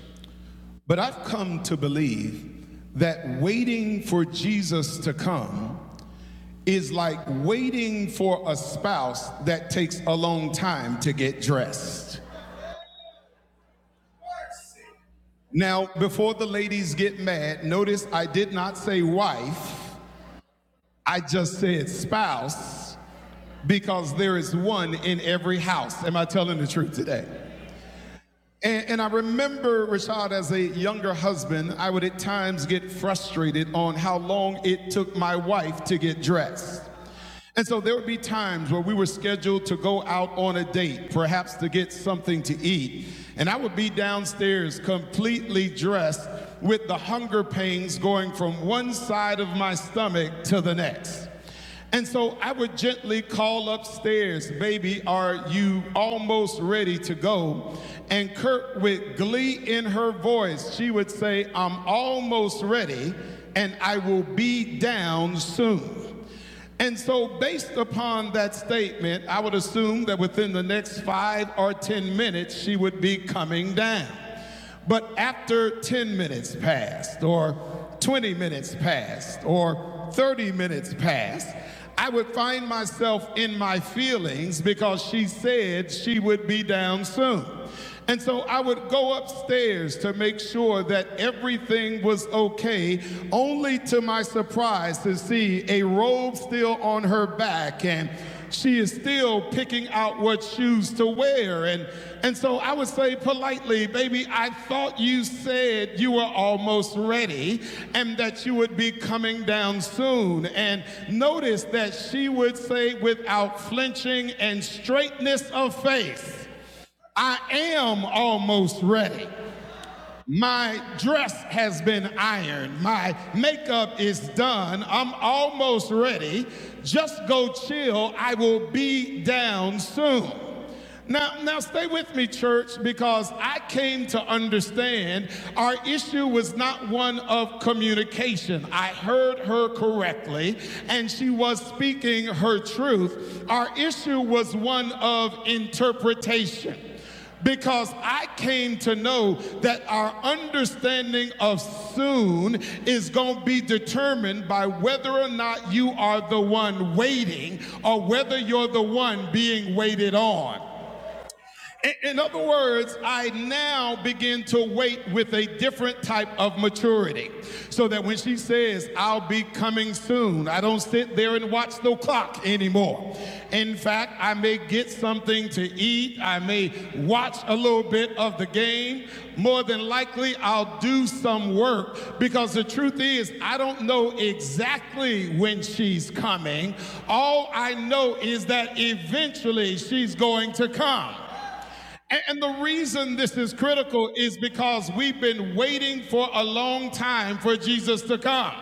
Speaker 1: but I've come to believe that waiting for Jesus to come is like waiting for a spouse that takes a long time to get dressed. Now, before the ladies get mad, notice I did not say wife. I just said spouse because there is one in every house. Am I telling the truth today? And, and I remember, Rashad, as a younger husband, I would at times get frustrated on how long it took my wife to get dressed. And so there would be times where we were scheduled to go out on a date, perhaps to get something to eat. And I would be downstairs completely dressed with the hunger pains going from one side of my stomach to the next. And so I would gently call upstairs, baby, are you almost ready to go? And Kurt, with glee in her voice, she would say, I'm almost ready and I will be down soon. And so, based upon that statement, I would assume that within the next five or 10 minutes, she would be coming down. But after 10 minutes passed, or 20 minutes passed, or 30 minutes passed, I would find myself in my feelings because she said she would be down soon. And so I would go upstairs to make sure that everything was okay, only to my surprise to see a robe still on her back and she is still picking out what shoes to wear. And, and so I would say politely, baby, I thought you said you were almost ready and that you would be coming down soon. And notice that she would say without flinching and straightness of face, I am almost ready. My dress has been ironed. My makeup is done. I'm almost ready. Just go chill. I will be down soon. Now, now stay with me, church, because I came to understand our issue was not one of communication. I heard her correctly, and she was speaking her truth. Our issue was one of interpretation because I came to know that our understanding of soon is going to be determined by whether or not you are the one waiting or whether you're the one being waited on. In other words, I now begin to wait with a different type of maturity. So that when she says, I'll be coming soon, I don't sit there and watch the clock anymore. In fact, I may get something to eat, I may watch a little bit of the game. More than likely, I'll do some work because the truth is, I don't know exactly when she's coming. All I know is that eventually she's going to come. And, the reason this is critical is because we've been waiting for a long time for Jesus to come.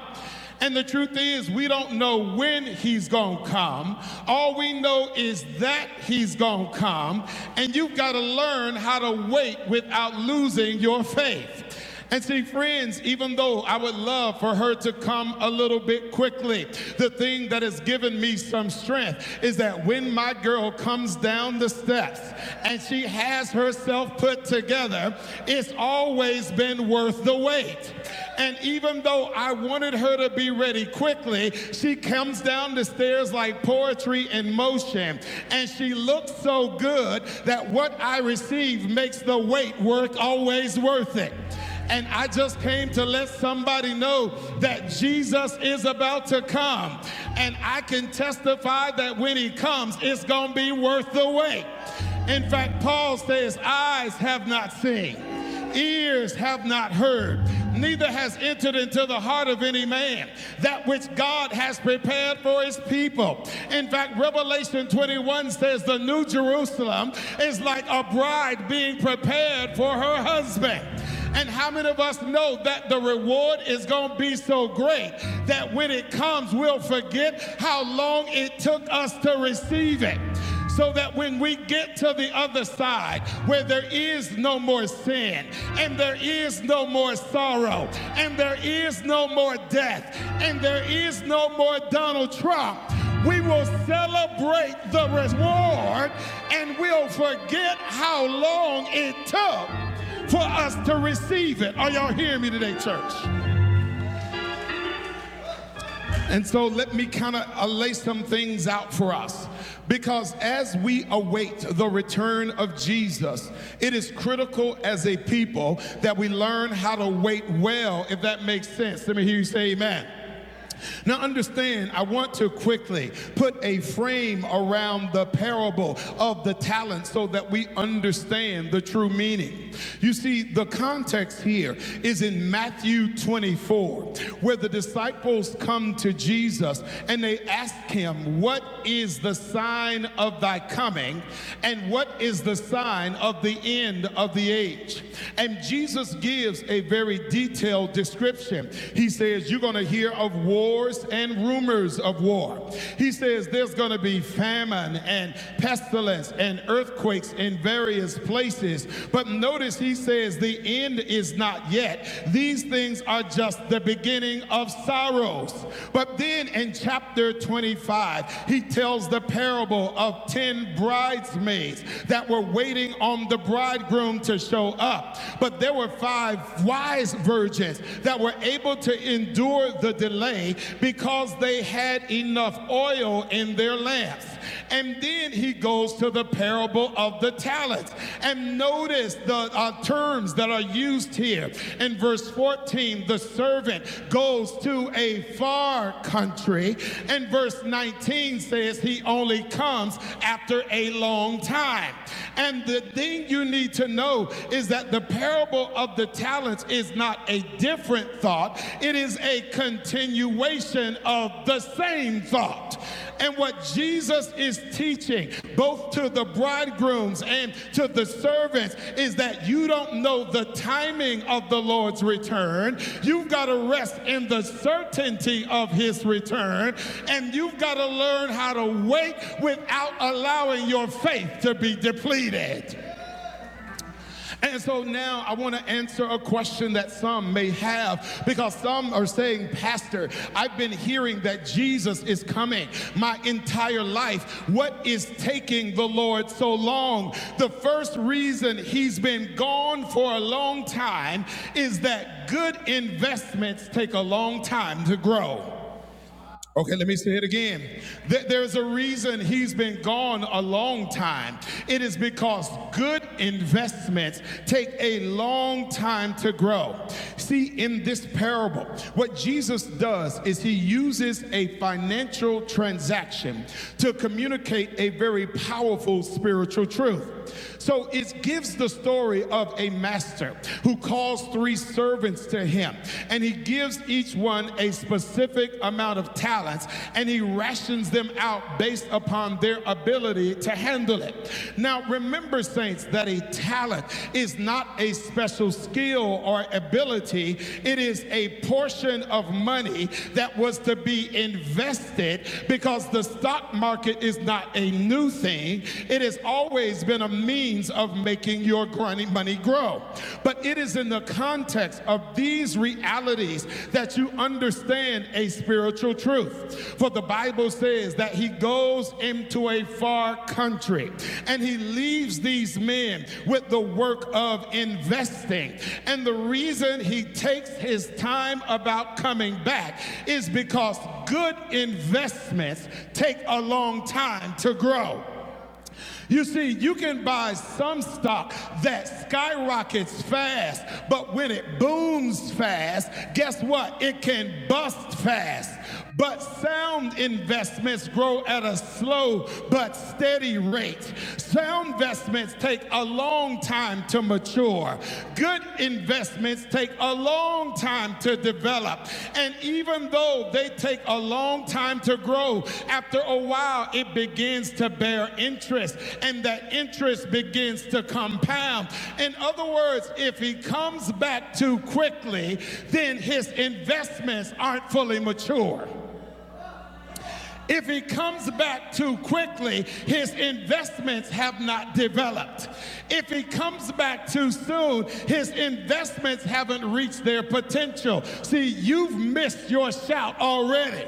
Speaker 1: And the truth is, we don't know when he's gonna come. All we know is that he's gonna come. And you've gotta learn how to wait without losing your faith. And see, friends, even though I would love for her to come a little bit quickly, the thing that has given me some strength is that when my girl comes down the steps and she has herself put together, it's always been worth the wait. And even though I wanted her to be ready quickly, she comes down the stairs like poetry in motion. And she looks so good that what I receive makes the wait work always worth it. And I just came to let somebody know that Jesus is about to come. And I can testify that when he comes, it's going to be worth the wait. In fact, Paul says, Eyes have not seen, ears have not heard, neither has entered into the heart of any man that which God has prepared prepared for his people. In fact, Revelation 21 says the New Jerusalem is like a bride being prepared for her husband. And how many of us know that the reward is going to be so great that when it comes, we'll forget how long it took us to receive it? so that when we get to the other side where there is no more sin and there is no more sorrow and there is no more death and there is no more Donald Trump, we will celebrate the reward and we'll forget how long it took for us to receive it. Are y'all hearing me today, church? And so let me kind of lay some things out for us. Because as we await the return of Jesus, it is critical as a people that we learn how to wait well, if that makes sense. Let me hear you say amen. Now, understand, I want to quickly put a frame around the parable of the talents so that we understand the true meaning. You see, the context here here is in Matthew 24, where the disciples come to Jesus and they ask him, What is the sign of thy coming? And what is the sign of the end of the age? And Jesus gives a very detailed description. He says, You're going to hear of wars and rumors of war. He says, There's going to be famine and pestilence and earthquakes earthquakes in various places. But notice he says, The end is not yet. These things are just the beginning of sorrows. But then in chapter 25, he tells the parable of 10 bridesmaids that were waiting on the bridegroom to show up. But there were five wise virgins that were able to endure the delay because they had enough enough oil in their lamps. And then he goes to the parable of the talents. And notice the uh, terms that are used here. In verse 14, the servant goes to a far country. And verse 19 says he only comes after a long time. And the thing you need to know is that the parable of the talents is not a a different thought, it is a continuation of the same thought. And what Jesus is teaching, both to the bridegrooms and to the servants, is that you don't know the timing of the Lord's return. You've got to rest in the certainty of his return, and you've got to learn how to wait without allowing your faith to be depleted. And so now I want to answer a question that some may have because some are saying, Pastor, I've been hearing that Jesus is coming my entire life. What is taking the Lord so long? The first reason he's been gone for a long time is that good investments take a long time to grow. Okay, let me say it again. There's a reason he's been gone a long time. It is because good investments take a long time to grow. See, in this parable, what Jesus does is he uses a financial transaction to communicate a very powerful spiritual truth. So it gives the story of a master who calls three servants to him, and he gives each one a specific amount of talents, and he rations them out based upon their ability to handle it. Now, remember, saints, that a talent is not a special skill or ability, it is a portion of money that was to be invested because the stock market is not a new thing, it is has always been a means of making your grunny- money grow. But it is in the context of these realities that you understand a spiritual truth. For the Bible says that he goes into a far country and he leaves these men with the work of investing. And the reason he takes his time about coming back is because good investments take a long time to grow. You see, you can buy some stock that skyrockets fast, but when it booms fast, guess what? It can bust fast. But sound investments grow at a slow but steady rate. Sound investments take a long time to mature. Good investments investments take a long time to develop. And even though they take a long time to grow, after a while it begins to bear interest and that interest begins to compound. In other words, if he comes back too quickly, then his investments aren't fully mature. If he comes back too quickly, his investments have not developed. If he comes back too soon, his investments haven't reached their potential. See, you've missed your shout already.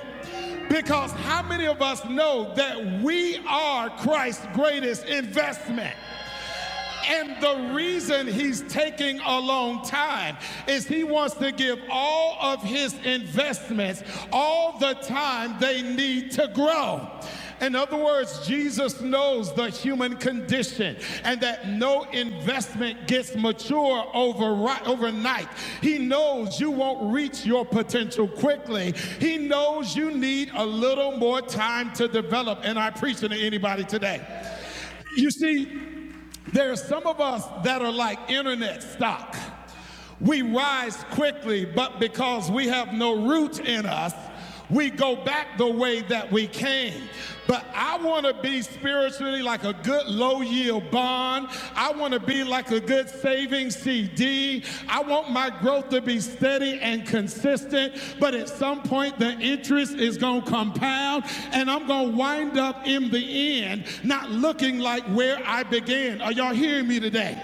Speaker 1: Because how many of us know that we are Christ's greatest investment? And the reason he's taking a long time is he wants to give all of his investments all the time they need to grow. In other words, Jesus knows the human condition and that no investment gets mature over, overnight. He knows you won't reach your potential quickly. He knows you need a little more time to develop. And I preach to anybody today. You see, there are some of us that are like internet stock. We rise quickly, but because we have no root in us, we go back the way that we came. But I want to be spiritually like a good low yield bond. I want to be like a good saving CD. I want my growth to be steady and consistent. But at some point, the interest is going to compound and I'm going to wind up in the end not looking like where I began. Are y'all hearing me today?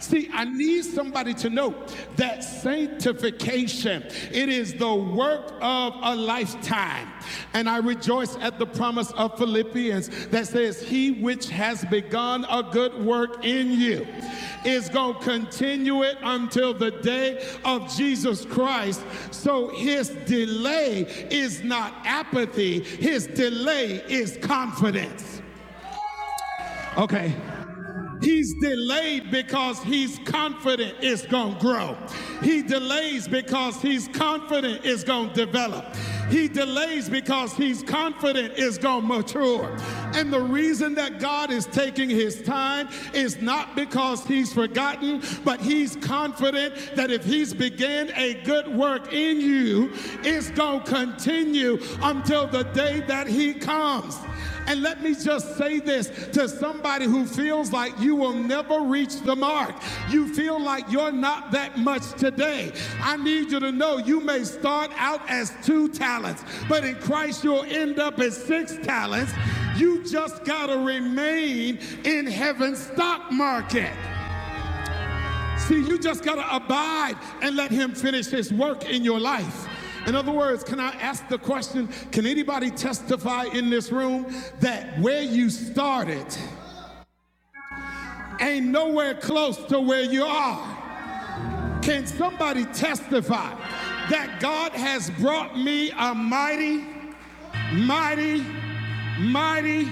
Speaker 1: See, I need somebody to know that sanctification, it is the work of a lifetime. And I rejoice at the promise of Philippians that says, He which has begun a good work in you is going to continue it until the day of Jesus Christ. So his delay is not apathy, his delay is confidence. Okay. He's delayed because he's confident it's going to grow. He delays because he's confident it's going to develop. He delays because he's confident it's going to mature. And the reason that God is taking his time is not because he's forgotten, but he's confident that if he's began a good work in you, it's going to continue continue until the day that He comes. And let me just say this to somebody who feels like you will never reach the mark. You feel like you're not that much today. I need you to know you may start out as two talents, but in Christ you'll end up as six talents. You just got to remain in heaven's stock market. See, you just got to abide and let Him finish His work in your life. In other words, can I ask the question? Can anybody testify in this room that where you started ain't nowhere close to where you are? Can somebody testify that God has brought me a mighty mighty, mighty.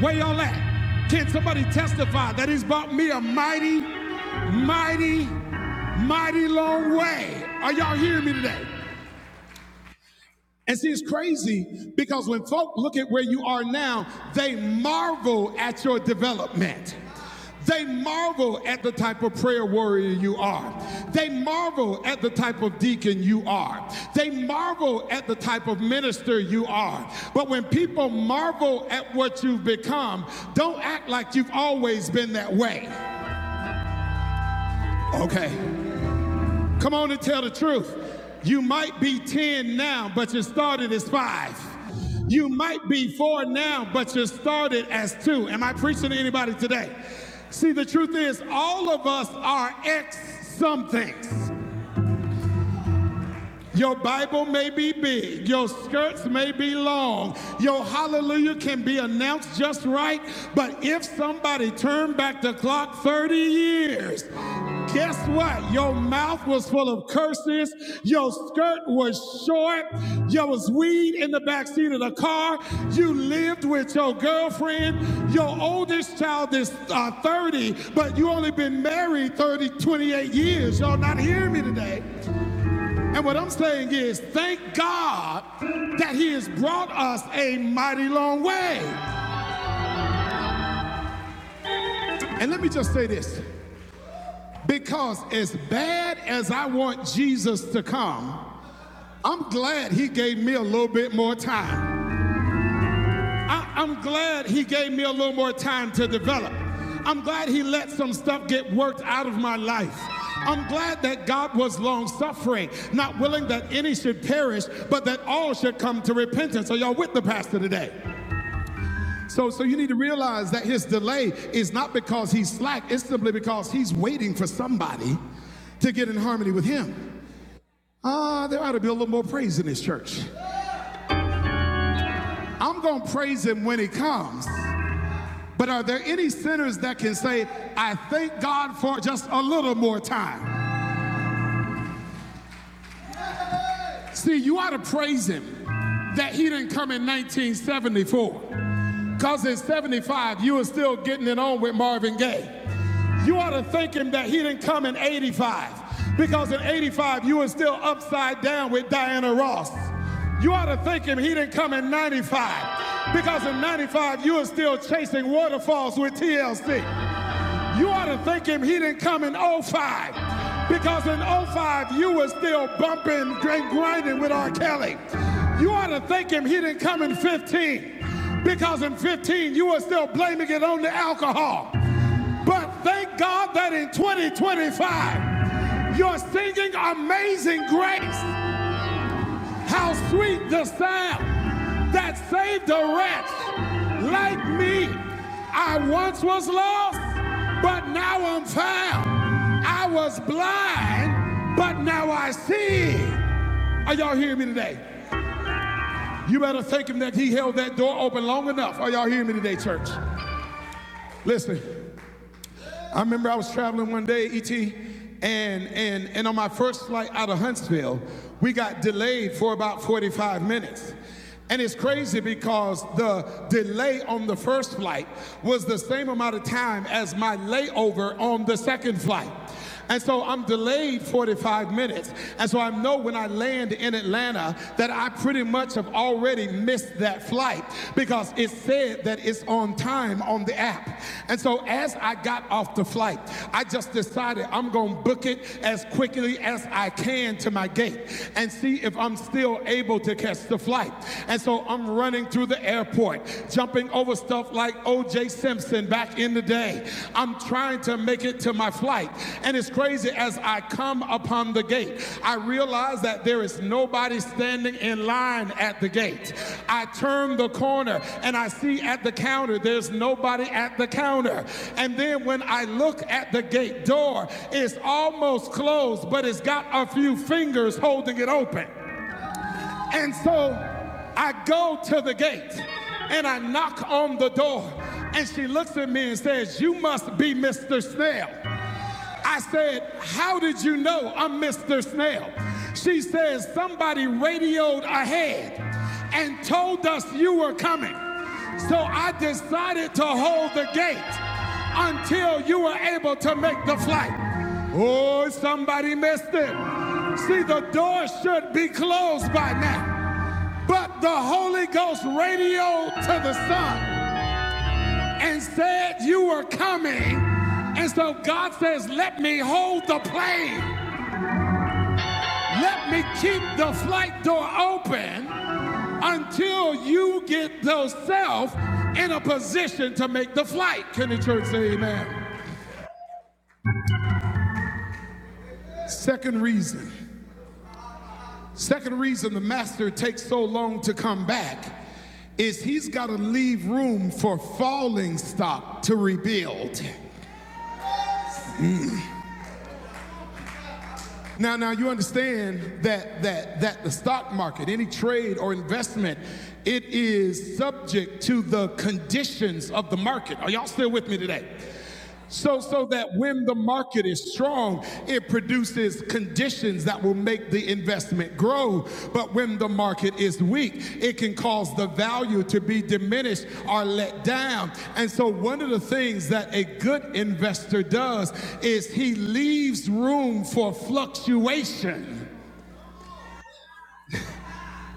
Speaker 1: Where y'all at? Can somebody testify that he's brought me a mighty, mighty, mighty long way? Are y'all hearing me today? And see, it's crazy because when folk look at where you are now, they marvel at your development. They marvel at the type of prayer warrior you are. They marvel at the type of deacon you are. They marvel at the type of minister you are. But when people marvel at what you've become, don't act like you've always been that way. Okay. Come on and tell the truth. You might be 10 now, but you started as 5. You might be 4 now, but you started as 2. Am I preaching to anybody today? See, the truth is, all of us are ex somethings. Your Bible may be big, your skirts may be long, your hallelujah can be announced just right, but if somebody turned back the clock 30 years, guess what? Your mouth was full of curses, your skirt was short, there was weed in the backseat of the car, you lived with your girlfriend, your oldest child is uh, 30, but you only been married 30 28 years. Y'all not hearing me today. And what I'm saying is, thank God that He has brought us a mighty long way. And let me just say this because as bad as I want Jesus to come, I'm glad He gave me a little bit more time. I, I'm glad He gave me a little more time to develop. I'm glad He let some stuff get worked out of my life. I'm glad that God was long suffering, not willing that any should perish, but that all should come to repentance. Are y'all with the pastor today? So, so you need to realize that his delay is not because he's slack, it's simply because he's waiting for somebody to get in harmony with him. Ah, uh, there ought to be a little more praise in this church. I'm going to praise him when he comes. But are there any sinners that can say, I thank God for just a little more time? See, you ought to praise him that he didn't come in 1974. Because at 75, you are still getting it on with Marvin Gaye. You ought to thank him that he didn't come in 85. Because in 85, you were still upside down with Diana Ross. You ought to thank him he didn't come in 95. Because in 95, you were still chasing waterfalls with TLC. You ought to thank him he didn't come in '05 because in '05 you were still bumping and grinding with R. Kelly. You ought to thank him he didn't come in 15 because in 15 you were still blaming it on the alcohol. But thank God that in 2025 you're singing Amazing Grace. How sweet the sound that saved a wretch like me. I once was lost, but now I'm found. I was blind, but now I see. Are y'all hearing me today? You better thank him that he held that door open long enough. Are y'all hearing me today, church? Listen. I remember I was traveling one day, ET, and, and, and on my first flight out of Huntsville, we got delayed for about 45 minutes. And it's crazy because the delay on the first flight was the same amount of time as my layover on the second flight. And so I'm delayed 45 minutes. And so I know when I land in Atlanta that I pretty much have already missed that flight because it said that it's on time on the app. And so as I got off the flight, I just decided I'm going to book it as quickly as I can to my gate and see if I'm still able to catch the flight. And so I'm running through the airport, jumping over over stuff like O.J. Simpson back in the day. I'm trying to make it to my flight. And it's crazy as I come upon the gate, I realize that there is nobody standing in line at the gate. I turn the corner and I see at the counter, there's nobody at the counter. And then when I look at the gate door, it's almost closed, but it's got a few fingers holding it open. And so I go to the gate and I knock on the door. And she looks at me and says, You must be Mr. Snell. I said, How did you know I'm Mr. Snell? She says, Somebody radioed ahead and told us you were coming. So I decided to hold the gate until you were able to make the flight. Oh, somebody missed it. See, the door should be closed by now. But the Holy Ghost radioed to the Son and said, You were coming. And so God says, Let me hold the plane. Let me keep the flight door open until you get yourself in a position to make the flight. Can the church say amen? Second reason. Second reason the master takes so long to come back is he's got to leave room for falling stock to rebuild. Now, now you understand that that that the stock market, any trade or investment, it is subject to the conditions of the market. Are y'all still with me today? So, so that when the market is strong, it produces conditions that will make the investment grow. But when the market is weak, it can cause the value to be diminished or let down. And so, one of the things that a good investor does is he leaves room for fluctuation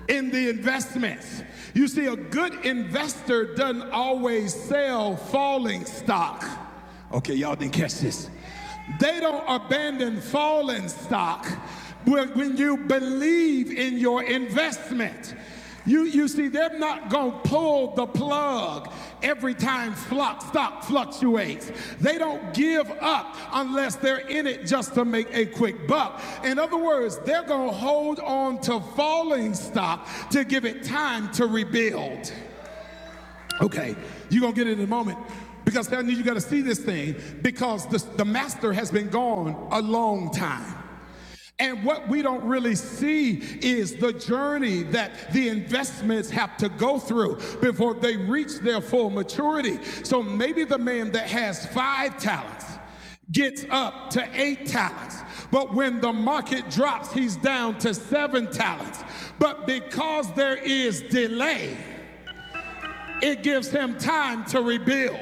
Speaker 1: in the investments. You see, a good investor doesn't always sell falling stock. Okay, y'all didn't catch this. They don't abandon falling stock when you believe in your investment. You, you see, they're not going to pull the plug every time stock fluctuates. They don't give up unless they're in it just to make a quick buck. In other words, they're going to hold on to falling stock to give it time to rebuild. Okay, you're gonna get it in a moment because I'm you, you gotta see this thing because the, the master has been gone a long time. And what we don't really see is the journey that the investments have to go through before they reach their full maturity. So maybe the man that has five talents gets up to eight talents, but when the market drops, he's down to seven talents. But because there is delay, it gives him time to rebuild.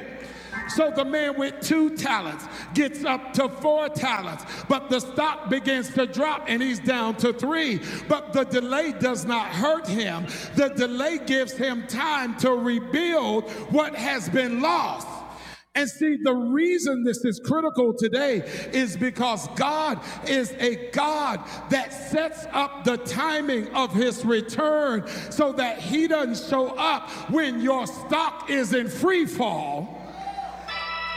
Speaker 1: So the man with two talents gets up to four talents, but the stock begins to drop and he's down to three. But the delay does not hurt him. The delay gives him time to rebuild what has been lost. And see, the reason this is critical today is because God is a God that sets up the timing of his return so that he doesn't show up when your stock is in free fall.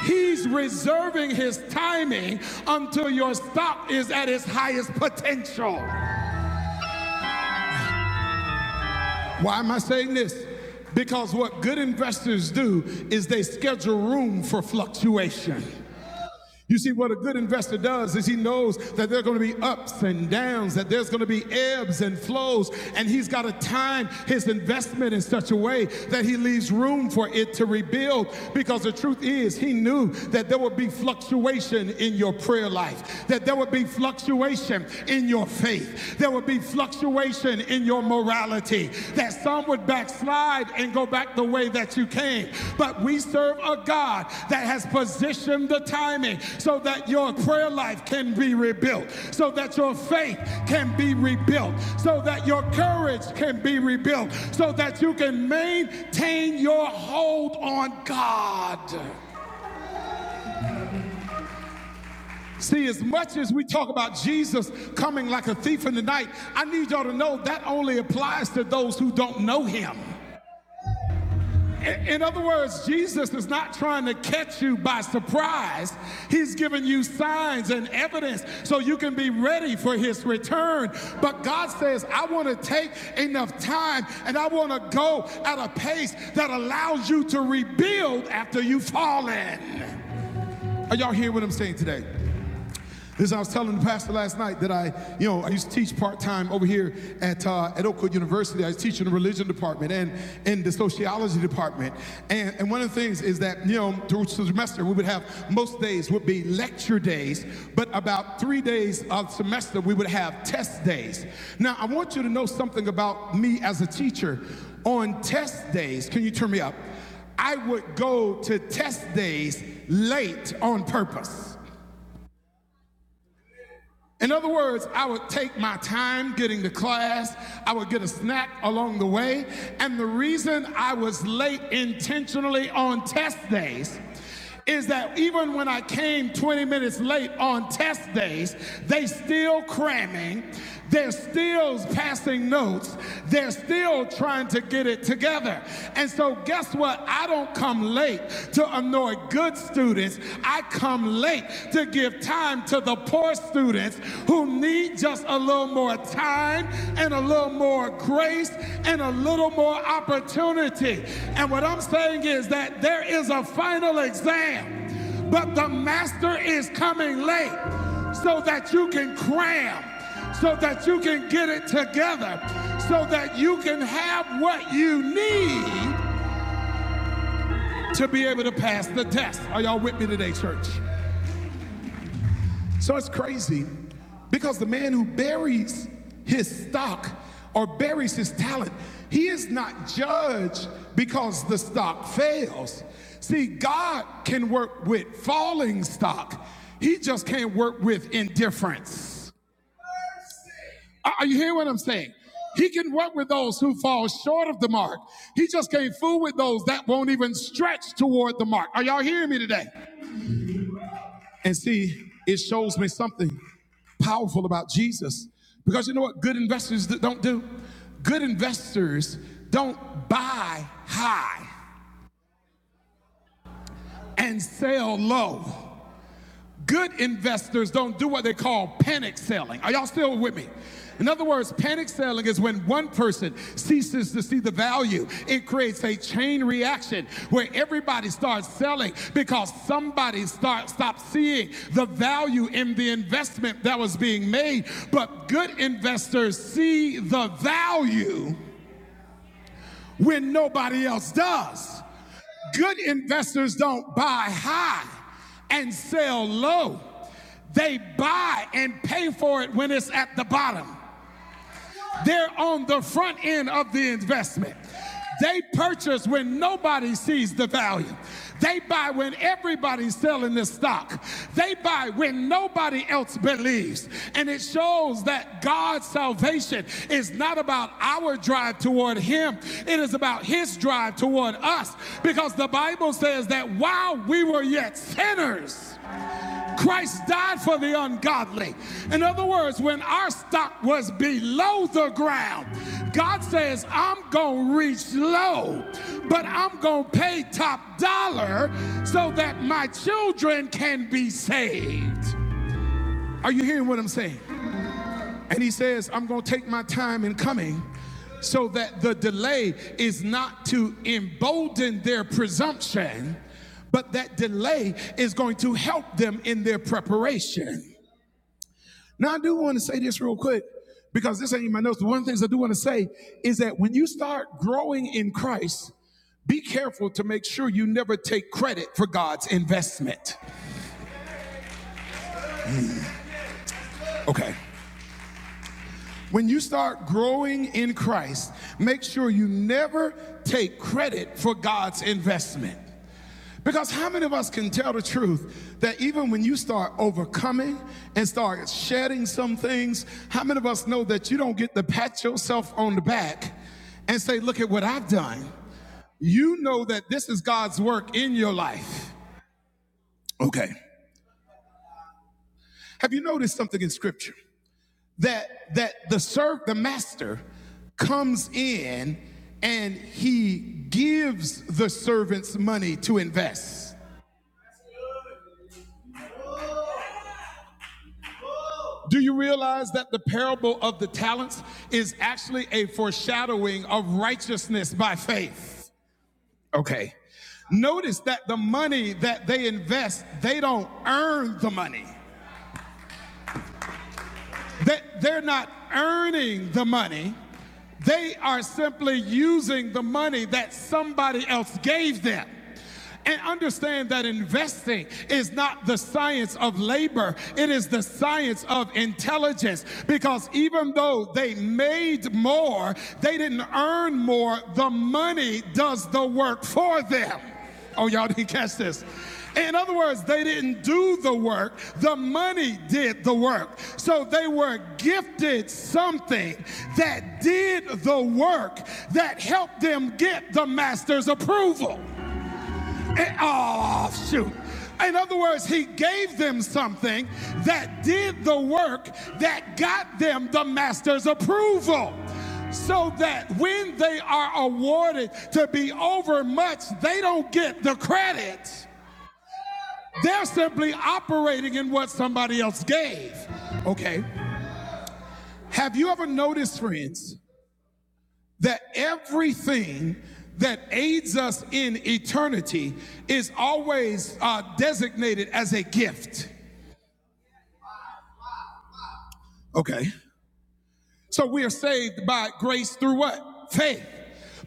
Speaker 1: He's reserving his timing until your stock is at its highest potential. Why am I saying this? Because what good investors do is they schedule room for fluctuation. You see, what a good investor does is he knows that there are going to be ups and downs, that there's going to be ebbs and flows, and he's got to time his investment in such a way that he leaves room for it to rebuild. Because the truth is, he knew that there would be fluctuation in your prayer life, that there would be fluctuation in your faith, there would be fluctuation in your your morality, that some would backslide and go back the way that you came. But we serve a God that has positioned the timing so that your prayer life can be rebuilt, so that your faith can be rebuilt, so that your courage can be rebuilt, so that you can maintain your hold on God. See, as much as we talk about Jesus coming like a thief in the night, I need y'all to know that only applies to those who don't know him. In other words, Jesus is not trying to catch you by surprise. He's giving you signs and evidence so you can be ready for his return. But God says, I want to take enough time and I want to go at a pace that allows you to rebuild after you've fallen. Are y'all hearing what I'm saying today? This I was telling the pastor last night that I, you know, I used to teach part time over here at uh, at Oakwood University. I was teaching the religion department and in the sociology department. And and one of the things is that you know through the semester we would have most days would be lecture days, but about three days of semester we would have test days. Now I want you to know something about me as a teacher. On test days, can you turn me up? I would go to test days late on purpose. In other words, I would take my time getting to class. I would get a snack along the way. And the reason I was late intentionally on test days is that even when I came 20 minutes late on test days, they still cramming, they're still passing notes. They're still trying to get it together. And so, guess what? I don't come late to annoy good students. I come late to give time to the poor students who need just a little more time and a little more grace and a little more opportunity. And what I'm saying is that there is a final exam but the master is coming late so that you can cram, so that you can get it together, so that you can what you need to be able to pass the test. Are y'all with me today, church? So it's crazy because the man who buries his stock or buries his talent, he is not judged because the stock fails. See, God can work with falling stock. He just can't work with indifference. Are you hearing what I'm saying? He can work with those who fall short of the mark. He just can't fool with those that won't even stretch toward the mark. Are y'all hearing me today? And see, it shows me something powerful about Jesus. Because you know what good investors don't do? Good investors don't buy high and sell low. Good investors don't do what they call panic selling. Are y'all still with me? In other words, panic selling is when one person ceases to see the value. It creates a chain reaction where everybody starts selling because somebody start, stopped seeing the value in the investment that was being made. But good investors see the value when nobody else does. Good investors don't buy high and sell low. They buy and pay for it when it's at the bottom. They're on the front end of the investment. They purchase when nobody sees the value. They buy when everybody's selling the stock. They buy when nobody else believes. And it shows that God's salvation is not about our drive toward Him, it is about His drive toward us. Because the Bible says that while we were yet sinners, Christ died for the ungodly. In other words, when our stock was below the ground, God says, I'm going to reach low, but I'm going to pay top dollar so that my children can be saved. Are you hearing what I'm saying? And he says, I'm going to take my time in coming so that the delay is not to embolden their presumption, but that delay is going to help them in their preparation. Now, I do want to say this real quick because this ain't in my notes. But one of the things I do want to say is that when you start growing in Christ, be careful to make sure you never take credit for God's investment. Okay. When you start growing in Christ, make sure you never take credit for God's investment. Because how many of us can tell the truth that even when you start overcoming and start shedding some things, how many of us know that you don't get to pat yourself on the back and say, Look at what I've done? You know that this is God's work in your life. Okay. Have you noticed something in Scripture? that that the serve the master comes in and he gives the servants money to invest do you realize that the parable of the talents is actually a foreshadowing of righteousness by faith okay notice that the money that they invest they don't earn the money That they're not earning the money. They are simply using the money that somebody else gave them. And understand that investing is not the science of labor, it is the science of intelligence. Because even though they made more, they didn't earn more. The money does the work for them. Oh, y'all didn't catch this. In other words, they didn't do the work, the money did the work. So they were gifted something that did the work that helped them get the master's approval. Eh, Oh, shoot. In other words, he gave them something that did the work that got them the master's approval. So that when they are awarded to be overmuch, they don't get the credit. They're simply operating in what somebody else gave. Okay. Have you ever noticed, friends, that everything that aids us in eternity is always uh, designated as a gift. Okay. So we are saved by grace through what? Faith.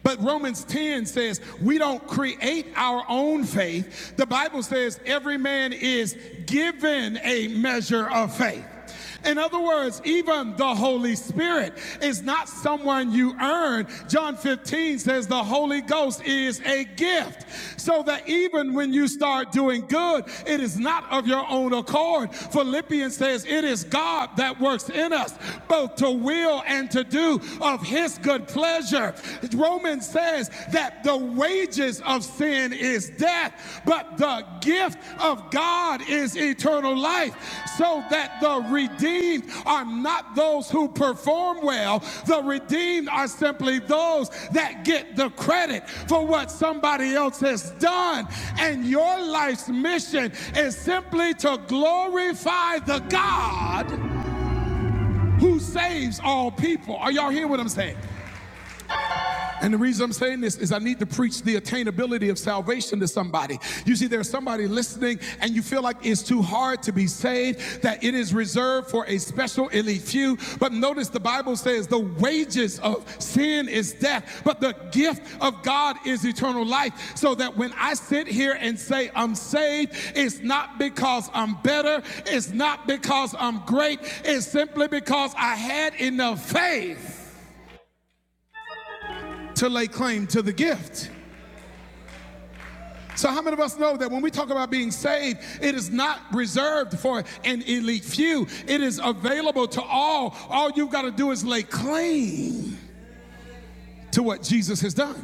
Speaker 1: But Romans 10 says we don't create our own faith. The Bible says every man is given a measure of faith. In other words, even the Holy Spirit is not someone you earn. John 15 says the Holy Ghost is a gift. So that even when you start doing good, it is not of your own accord. Philippians says it is God that works in us just both to will and to do of his good pleasure. Romans says that the wages of sin is death, but the gift of God is eternal life, so that the redeemed are not those who perform well. The redeemed are simply those that get the credit for what somebody else has done. And your life's mission is simply to glorify the God who saves all people. Are y'all hearing what I'm saying? And the reason I'm saying this is I need to preach the attainability of salvation to somebody. You see, there's somebody listening and you feel like it's too hard to be saved, that it is reserved for a special elite few. But notice the Bible says the wages of sin is death, but the gift of God is eternal life. So that when I sit here and say I'm saved, it's not because I'm better, it's not because I'm great, it's simply because I had enough faith to lay claim to the gift. So, how many of us know that when we talk about being saved, it is not reserved for an elite few? It is available to all. All you've got to do is lay claim to what Jesus has done.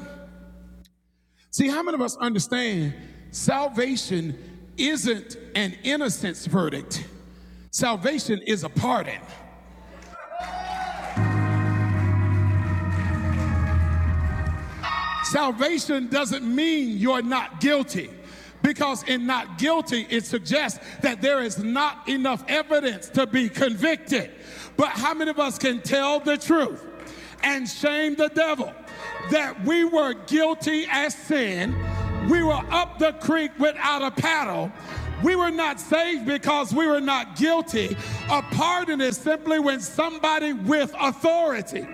Speaker 1: See, how many of us understand salvation isn't an innocence verdict? Salvation is a pardon. Salvation doesn't mean you're not guilty. Because in not guilty, it suggests that there is not enough evidence to be convicted. But how many of us can tell the truth and shame the devil that we were guilty as sin? we were up the creek without a paddle. We were not saved because we were not guilty. A pardon is simply when somebody with authority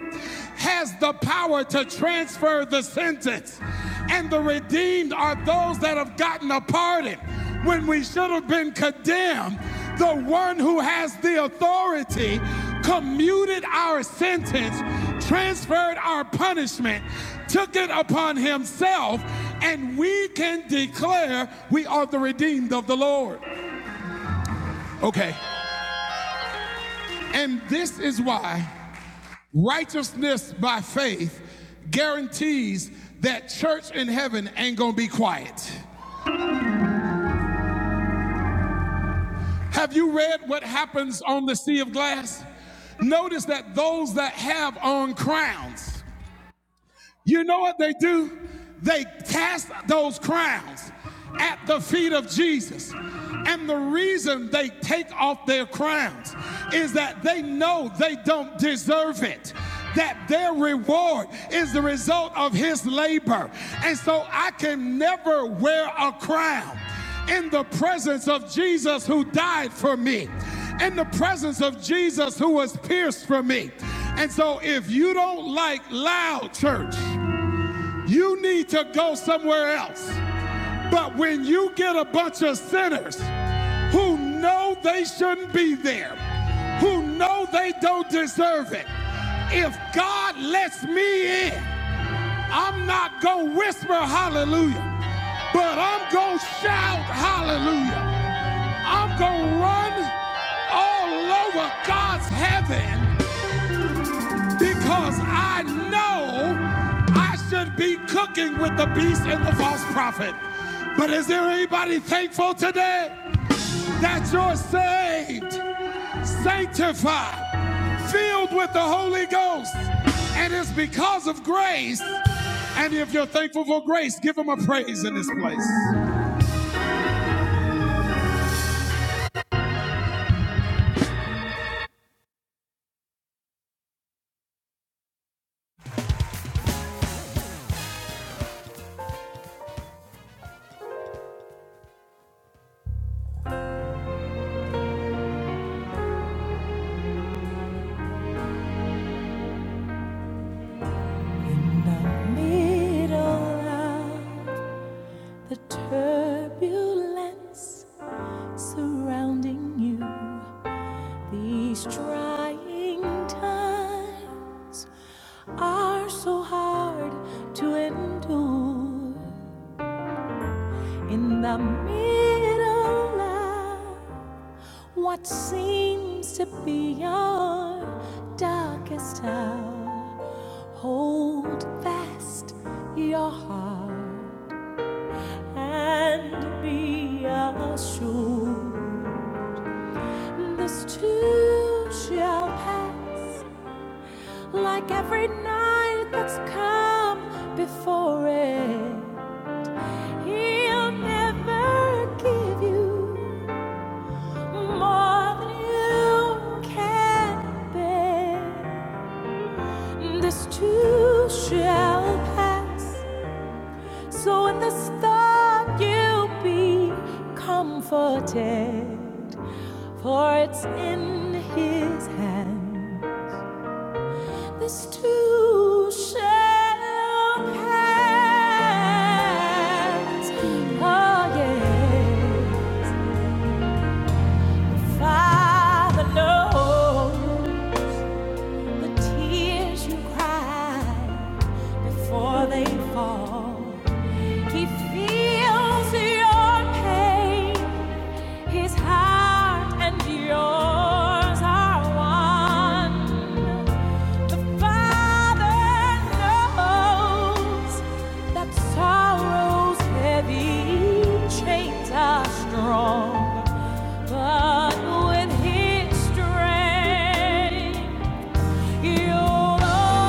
Speaker 1: has the power to transfer the sentence. And the redeemed are those that have gotten a pardon when we should have been condemned. The one who has the authority commuted our sentence, transferred our punishment, took it upon himself, and we can declare we are the redeemed of the Lord. Okay, and this is why righteousness by faith guarantees that church in heaven ain't gonna be quiet. Have you read what happens on the sea of glass? Notice that those that have on crowns You know what they do? They cast those crowns at the feet of Jesus. And the reason they take off their crowns is that they know they don't deserve it. That their reward is the result of his labor. And so I can never wear a crown in the presence of Jesus who died for me, in the presence of Jesus who was pierced for me. And so if you don't like loud church, you need to go somewhere else. But when you get a bunch of sinners who know they shouldn't be there, who know they don't deserve it, if God lets me in, I'm not going to whisper hallelujah, but I'm going to shout hallelujah. I'm going to run all over God's heaven because I know I should be cooking with the beast and the false prophet. But is there anybody thankful today that you're saved, sanctified, filled with the Holy Ghost? And it's because of grace. And if you're thankful for grace, give him a praise in this place. In the middle of the turbulence surrounding you. These trying times are so hard to endure in the middle of what seems to be our darkest hour. Hold fast your heart and be assured this too shall pass. like every night that's come before it. He'll never give you more than you can bear. This too shall pass, so in this thought you'll be comforted, for it's in His hand. This too shall pass. Oh, yeah. Father knows the tears you cry before they fall. He feels your pain. His heart and yours are one. The Father knows that sorrow's heavy chains are strong. But with His strength, you'll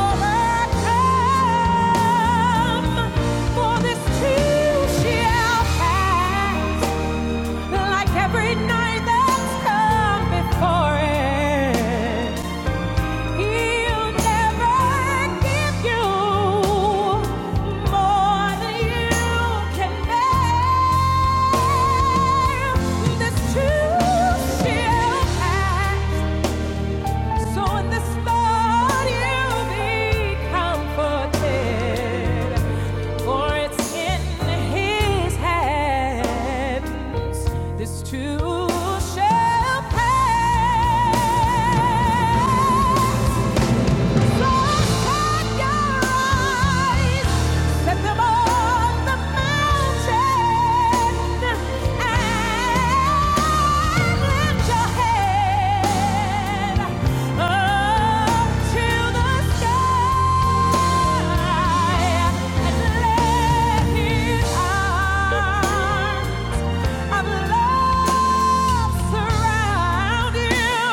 Speaker 1: overcome. For this too shall pass like every night that's come before it. He'll never give you more than you can bear. This too shall pass. So in this thought you'll be comforted, for it's in His hands this too shall pass. So shut your eyes Come on the mountain and lift your head up to the sky and let His arms of love surround you.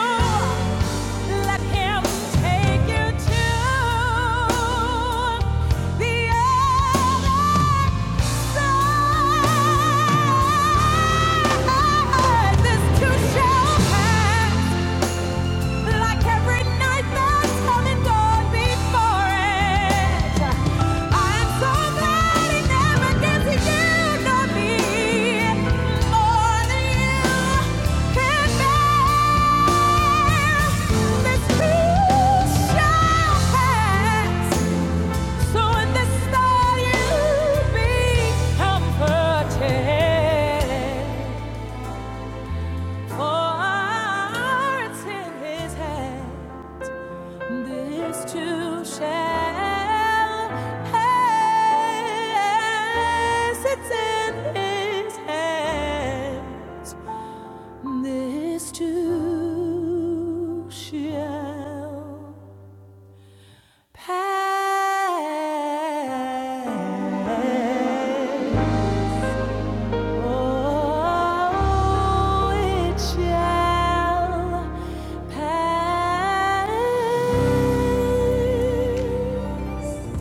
Speaker 1: Let Him take you to the other side. This too shall pass. Like every night that's come and gone before it. I am so glad it never gets to you nor me. More than you can bear. This too shall pass. So in this thought you be comforted. For it's in his hands. This too shall pass. It's in His hands. This too shall pass. Oh, it shall pass.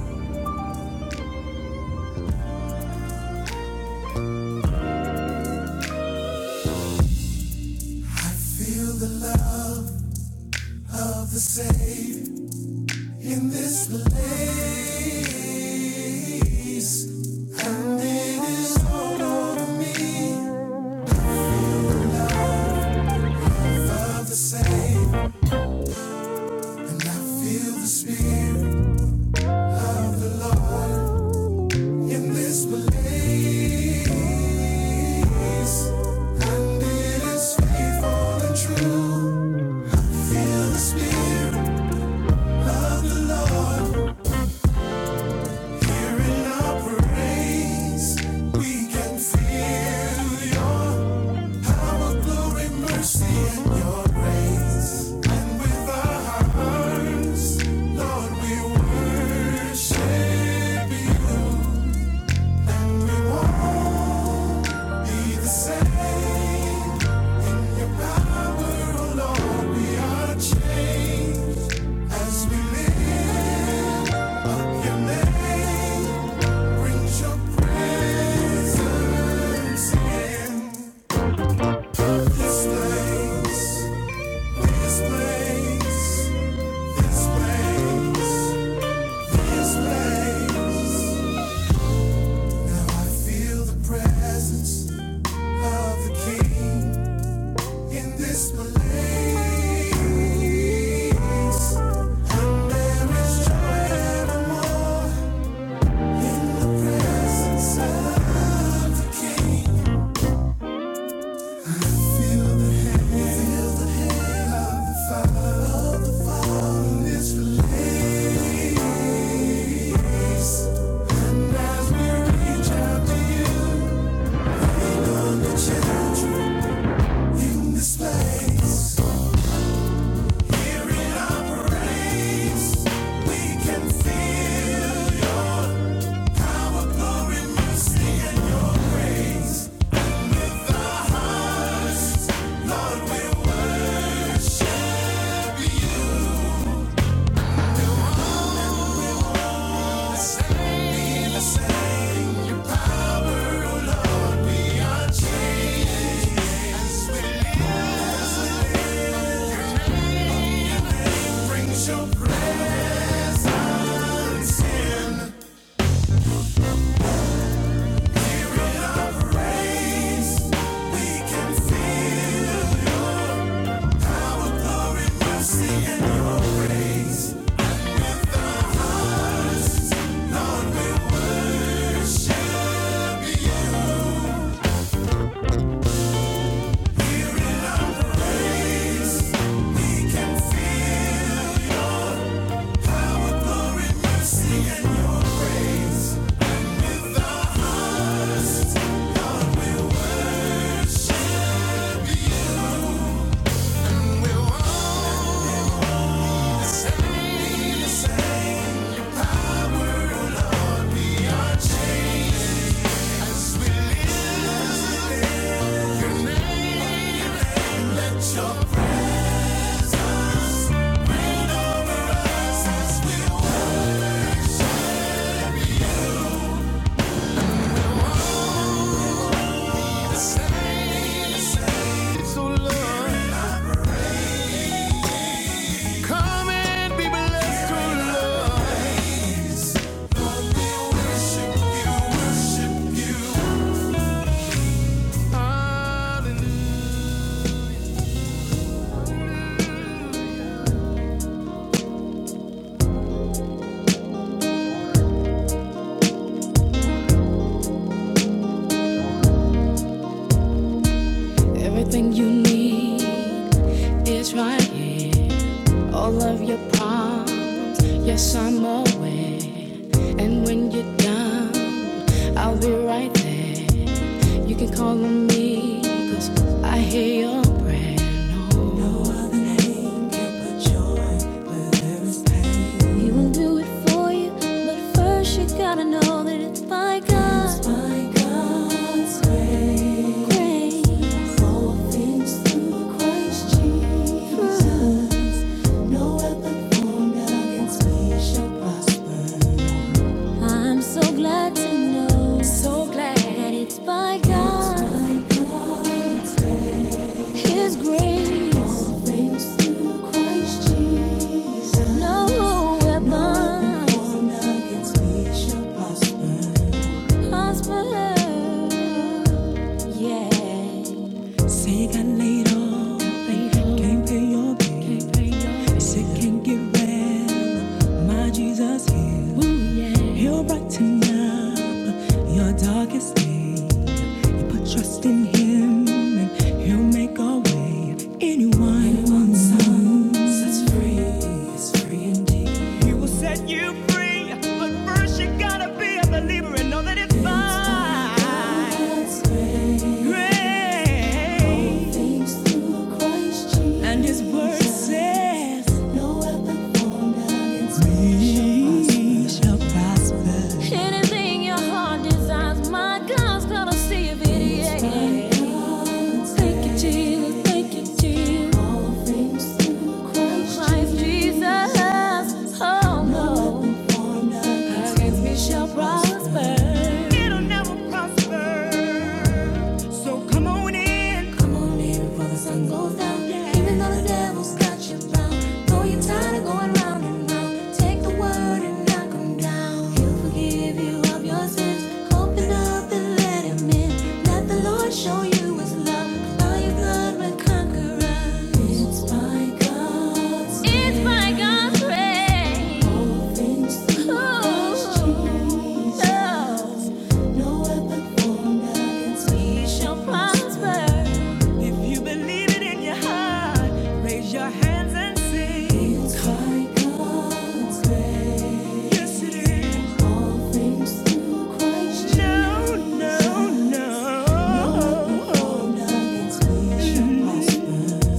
Speaker 1: Come and be blessed, oh Lord. I hear your brand No other name can put yours in will do it for you, but first you gotta know that it's by God's grace. All things through Christ Jesus. No weapon formed against me shall prosper. I'm so glad to know. So glad that it's by God. It's by God. His grace, No weapon formed against me shall prosper. yeah. can't get rid He'll brighten up your darkest day. You put trust in him and he'll make a way. Anyone, Anyone's son sets free is free indeed. He will set you free, but first you gotta be a believer and know that it's fine. And his word says, We shall prosper. Anything your heart desires, my God's gonna see if it is. Thank you, Jesus. Thank you, Jesus. Christ Jesus. Oh, no. Against me shall prosper. It'll never prosper. So come on in. Come on in before the sun goes down. Yeah. Even though the devil's got you bound. Though you're tired of going round and round. Take the word and knock him down. He'll forgive you of your sins. Open up and let him in. Let the Lord show you his love. By your blood we're conquerors. It's by God's It's by God's grace. God's grace. Ooh. No weapon formed against me shall prosper. high. Raise your hands and sing. It's high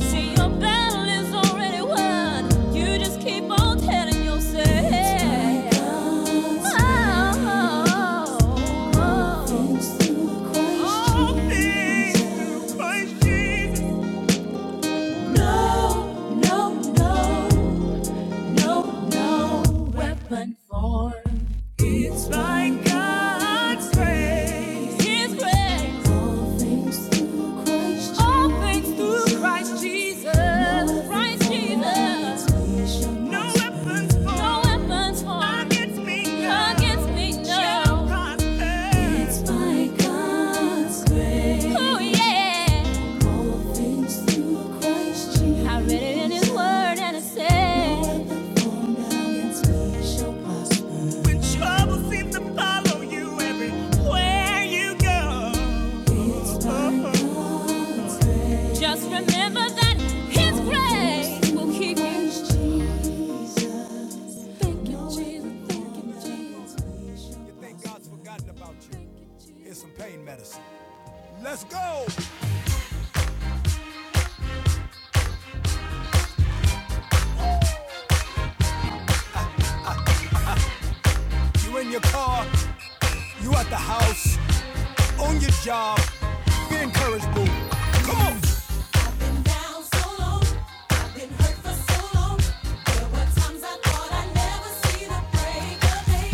Speaker 1: See, your battle is already won. You just keep on telling yourself. It's Oh, oh, oh. Things through Christ All things Christ Jesus. Oh, oh, oh, no grace. All things through Christ Jesus. Christ Jesus. No weapons No weapons against me, no, no. It's by God's grace. Oh, yeah. All things through Christ Jesus. I read it in His Word and it says, When trouble seems to follow you everywhere you go, just remember that His grace. Christ some pain medicine. Let's go. You in your car, you at the house, on your job. Be encouraged, boo. Come on. Been down so long, been hurt for so long. There were times I thought I'd never see the break of day.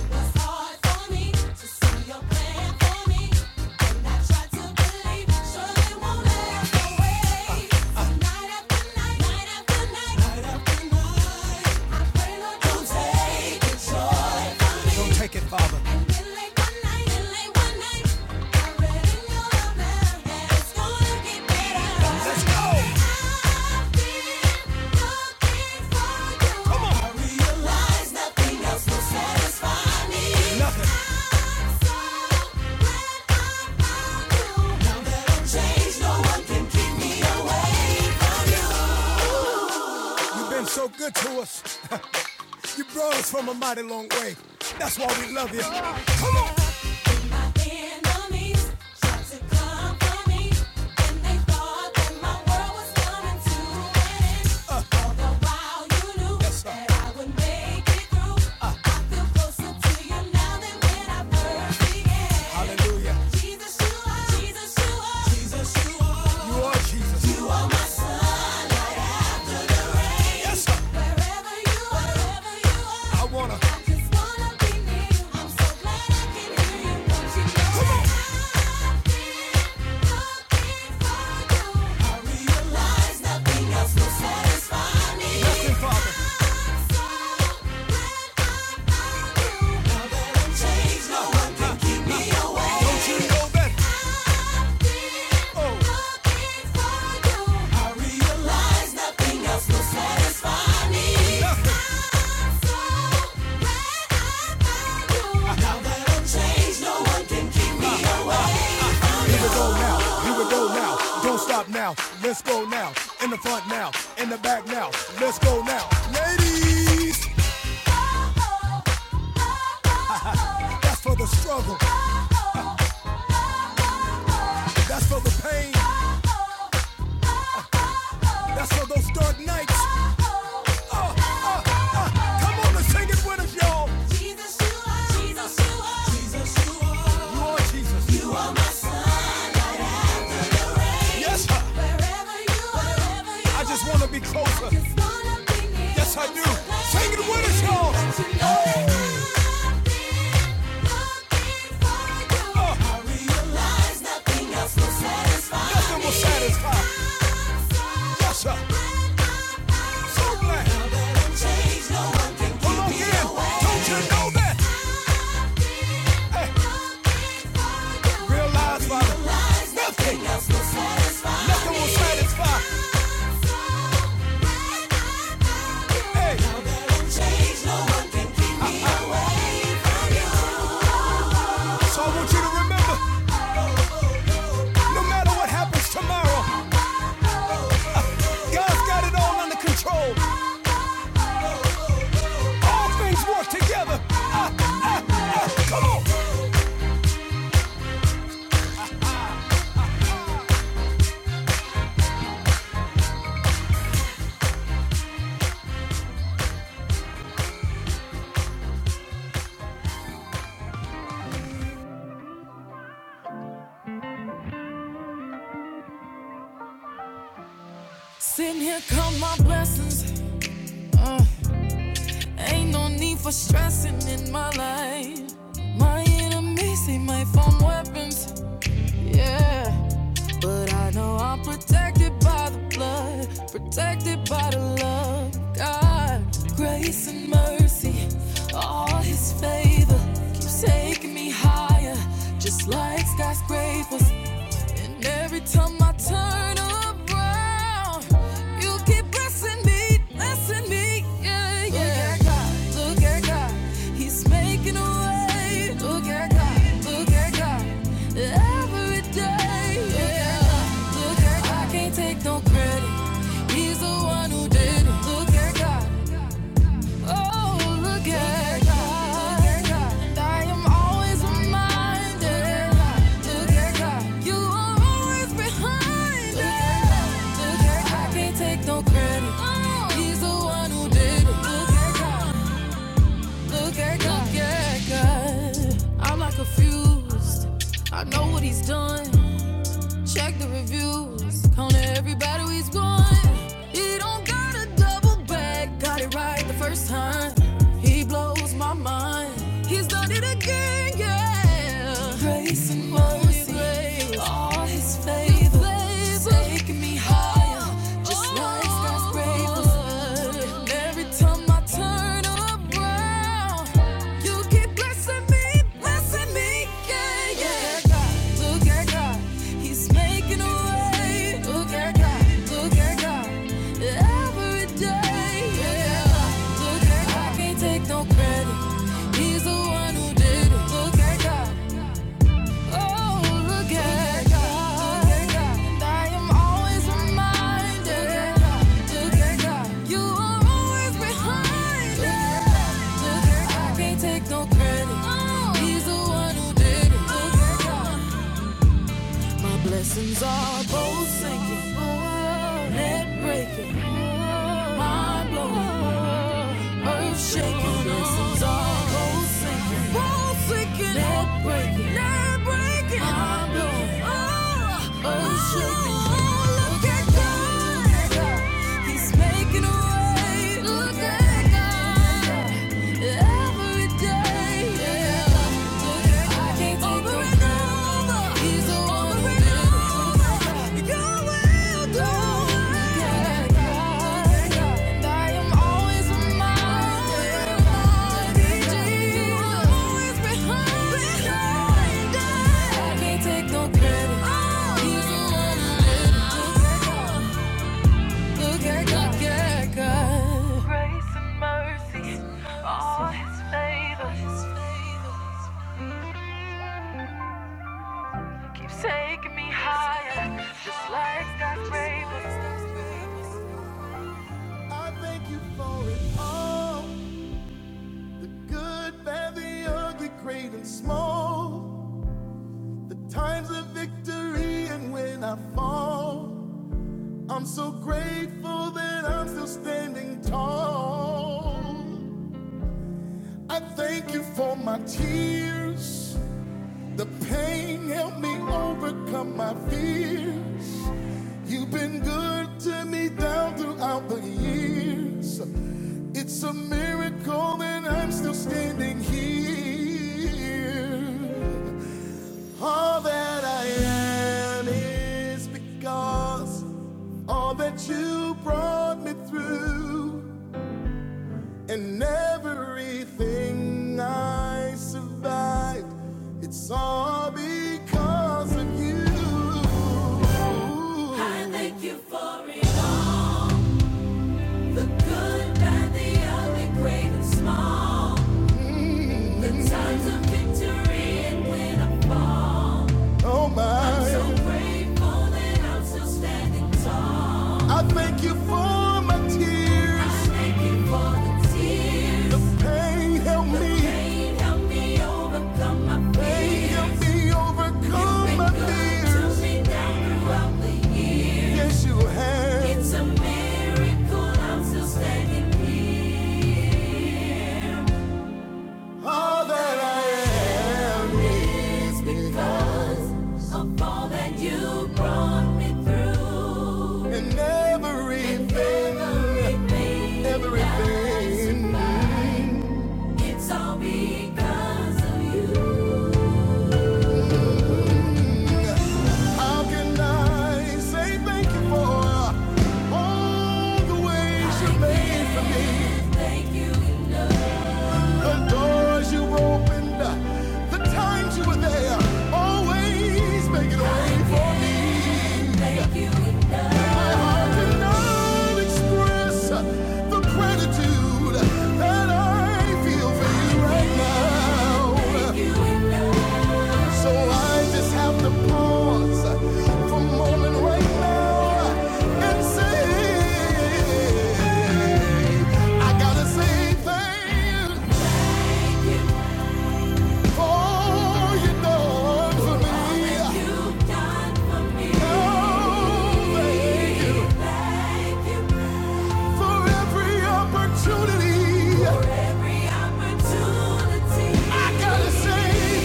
Speaker 1: It was hard for me to see your plan for me, and I tried to believe surely won't last away. So Night after night, night after night, night after night. I pray Lord, don't take the joy from me. Let's go. Come on. nothing so no You've been so good to us. [laughs] You brought us from a mighty long way. That's why we love you. Hallelujah. Jesus, you are. Jesus, you are. You Yes, sir. I wanna. I realize Father. no away now. Let's go now. In the front now. In the back now. Let's go now. Ladies, that's for the struggle. That's for the pain. That's for those dark nights. Uh, uh, uh, come on and sing it with us, y'all. Jesus, you are, Jesus, you are, Jesus, you You are, Jesus. you are my sovereign. Yes, Wherever you are, I just want to be closer. Yes, I do. so Sing it with us, y'all. But you I've been looking Uh. so Yes, sir. So glad. Well, again, don't you know that? Hey, Realize, Father, nothing, nothing will satisfy. Hey, so I want you to remember, no matter what happens tomorrow, God's got it all under control. All things work together. Lessons, ain't no need for stressing in my life. My enemies see my phone. I'm protected by the blood, protected by the love. of God, grace and mercy, all His keeps taking me higher, just like skyscrapers. And every time I turn around, you keep blessing me, blessing me. Yeah, yeah. Look at God, look at God, He's making a way. Look at God, look at God, every day. Yeah, Look at God, look at God. I can't take no credit. He's the one who did it. Look at God. Oh, look at God. And I am always reminded. Look at God. You are always behind it. Look at God. I can't take no credit. He's the one who did it. Look at God. Look at God. Look God. I'm not confused. I know what he's done. Check the reviews. Counted everybody he's won. He don't got to double back. Got it right the first time. He blows my mind. He's done it again, yeah. Grace and mercy. grace, All his favor. favor. Taking me higher. oh, Just oh, like skyscrapers. Every time I turn around, you keep blessing me, blessing me, yeah, yeah. Look at God, look at God, He's making a way. Look at God, look at God, every day, yeah. Look at God, I can't take no credit. He's the one who did it. Look at God. Oh, look at God. I am always reminded. You are always behind it. I can't take no credit. Oh. He's the one who did it. Look my blessings are both sinking, net breaking, mind blowing, earth shaking. My Blessings are both sinking, both sinking, net breaking, net breaking, mind blowing, oh, earth shaking. Oh, look at God, He's making a way. Look at God. Yeah. Grace and mercy. Oh, yeah. I thank you for it all. The good, bad, the ugly, great and small. The times of victory and when I fall. I'm so grateful that I'm still standing tall. I thank you for my tears. The pain helped me overcome my fears. You've been good to me down throughout the years. It's a miracle that I'm still standing here. All that I am is because all that you brought me through, and everything I survived, it's all because of you. I thank you for it all the good, bad, the ugly, great, and small. Signs of victory and when I fall, Oh so my, I'm so grateful. I thank you for my tears. Pain, help me, pain, help me overcome my fears. Yes, you have. It's All that I am it's because of all that you brought me through. and everything, And everything, everything it's all because of you. How can I say thank you for all the ways you made? The doors you opened, the times you were there, always making a way. i express the gratitude that I feel for you right now. So I just have to pause for a moment right now and say, I gotta say thanks for all you done for me. Oh, thank you for every opportunity. I gotta say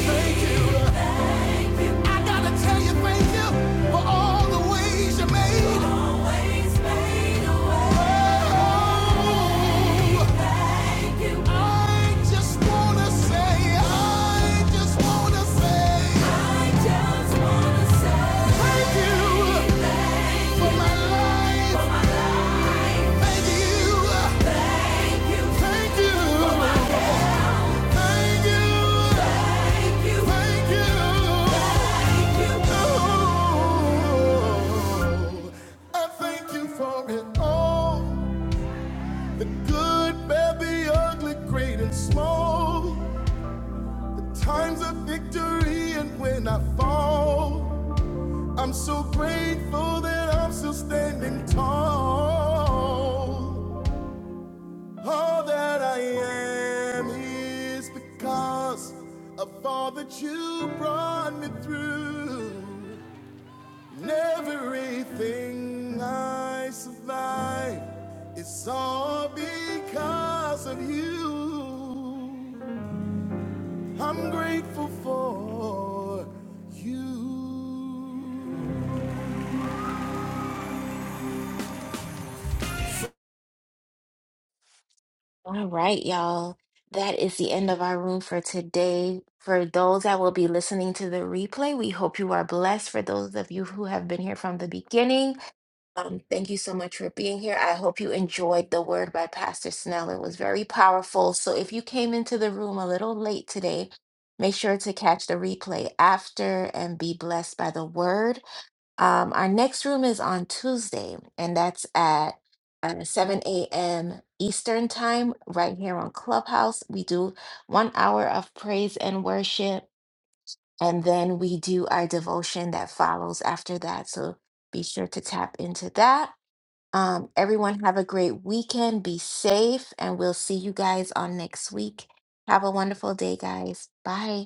Speaker 1: I gotta tell you, thank you for all the ways you made. Always made a Thank you. I just wanna say, I just wanna say, I just wanna say, thank you for my life. Thank you, thank you, thank you, thank you, thank you, Oh, I thank you for it all. The good, bad, the ugly, great and small. The times of victory and when I fall. I'm so grateful that I'm still standing tall. All that I am is because of all that you brought me through. And everything I survived. It's all because of you. I'm grateful for you.
Speaker 2: All right, y'all. That is the end of our room for today. For those that will be listening to the replay, we hope you are blessed. For those of you who have been here from the beginning, um, thank you so much for being here. I hope you enjoyed the word by Pastor Snell. It was very powerful. So if you came into the room a little late today, make sure to catch the replay after and be blessed by the word. Um, our next room is on Tuesday, and that's at uh, 7 a.m. Eastern Time, right here on Clubhouse. We do one hour of praise and worship, and then we do our devotion that follows after that. So be sure to tap into that. Um, everyone, have a great weekend. Be safe, and we'll see you guys on next week. Have a wonderful day, guys. Bye.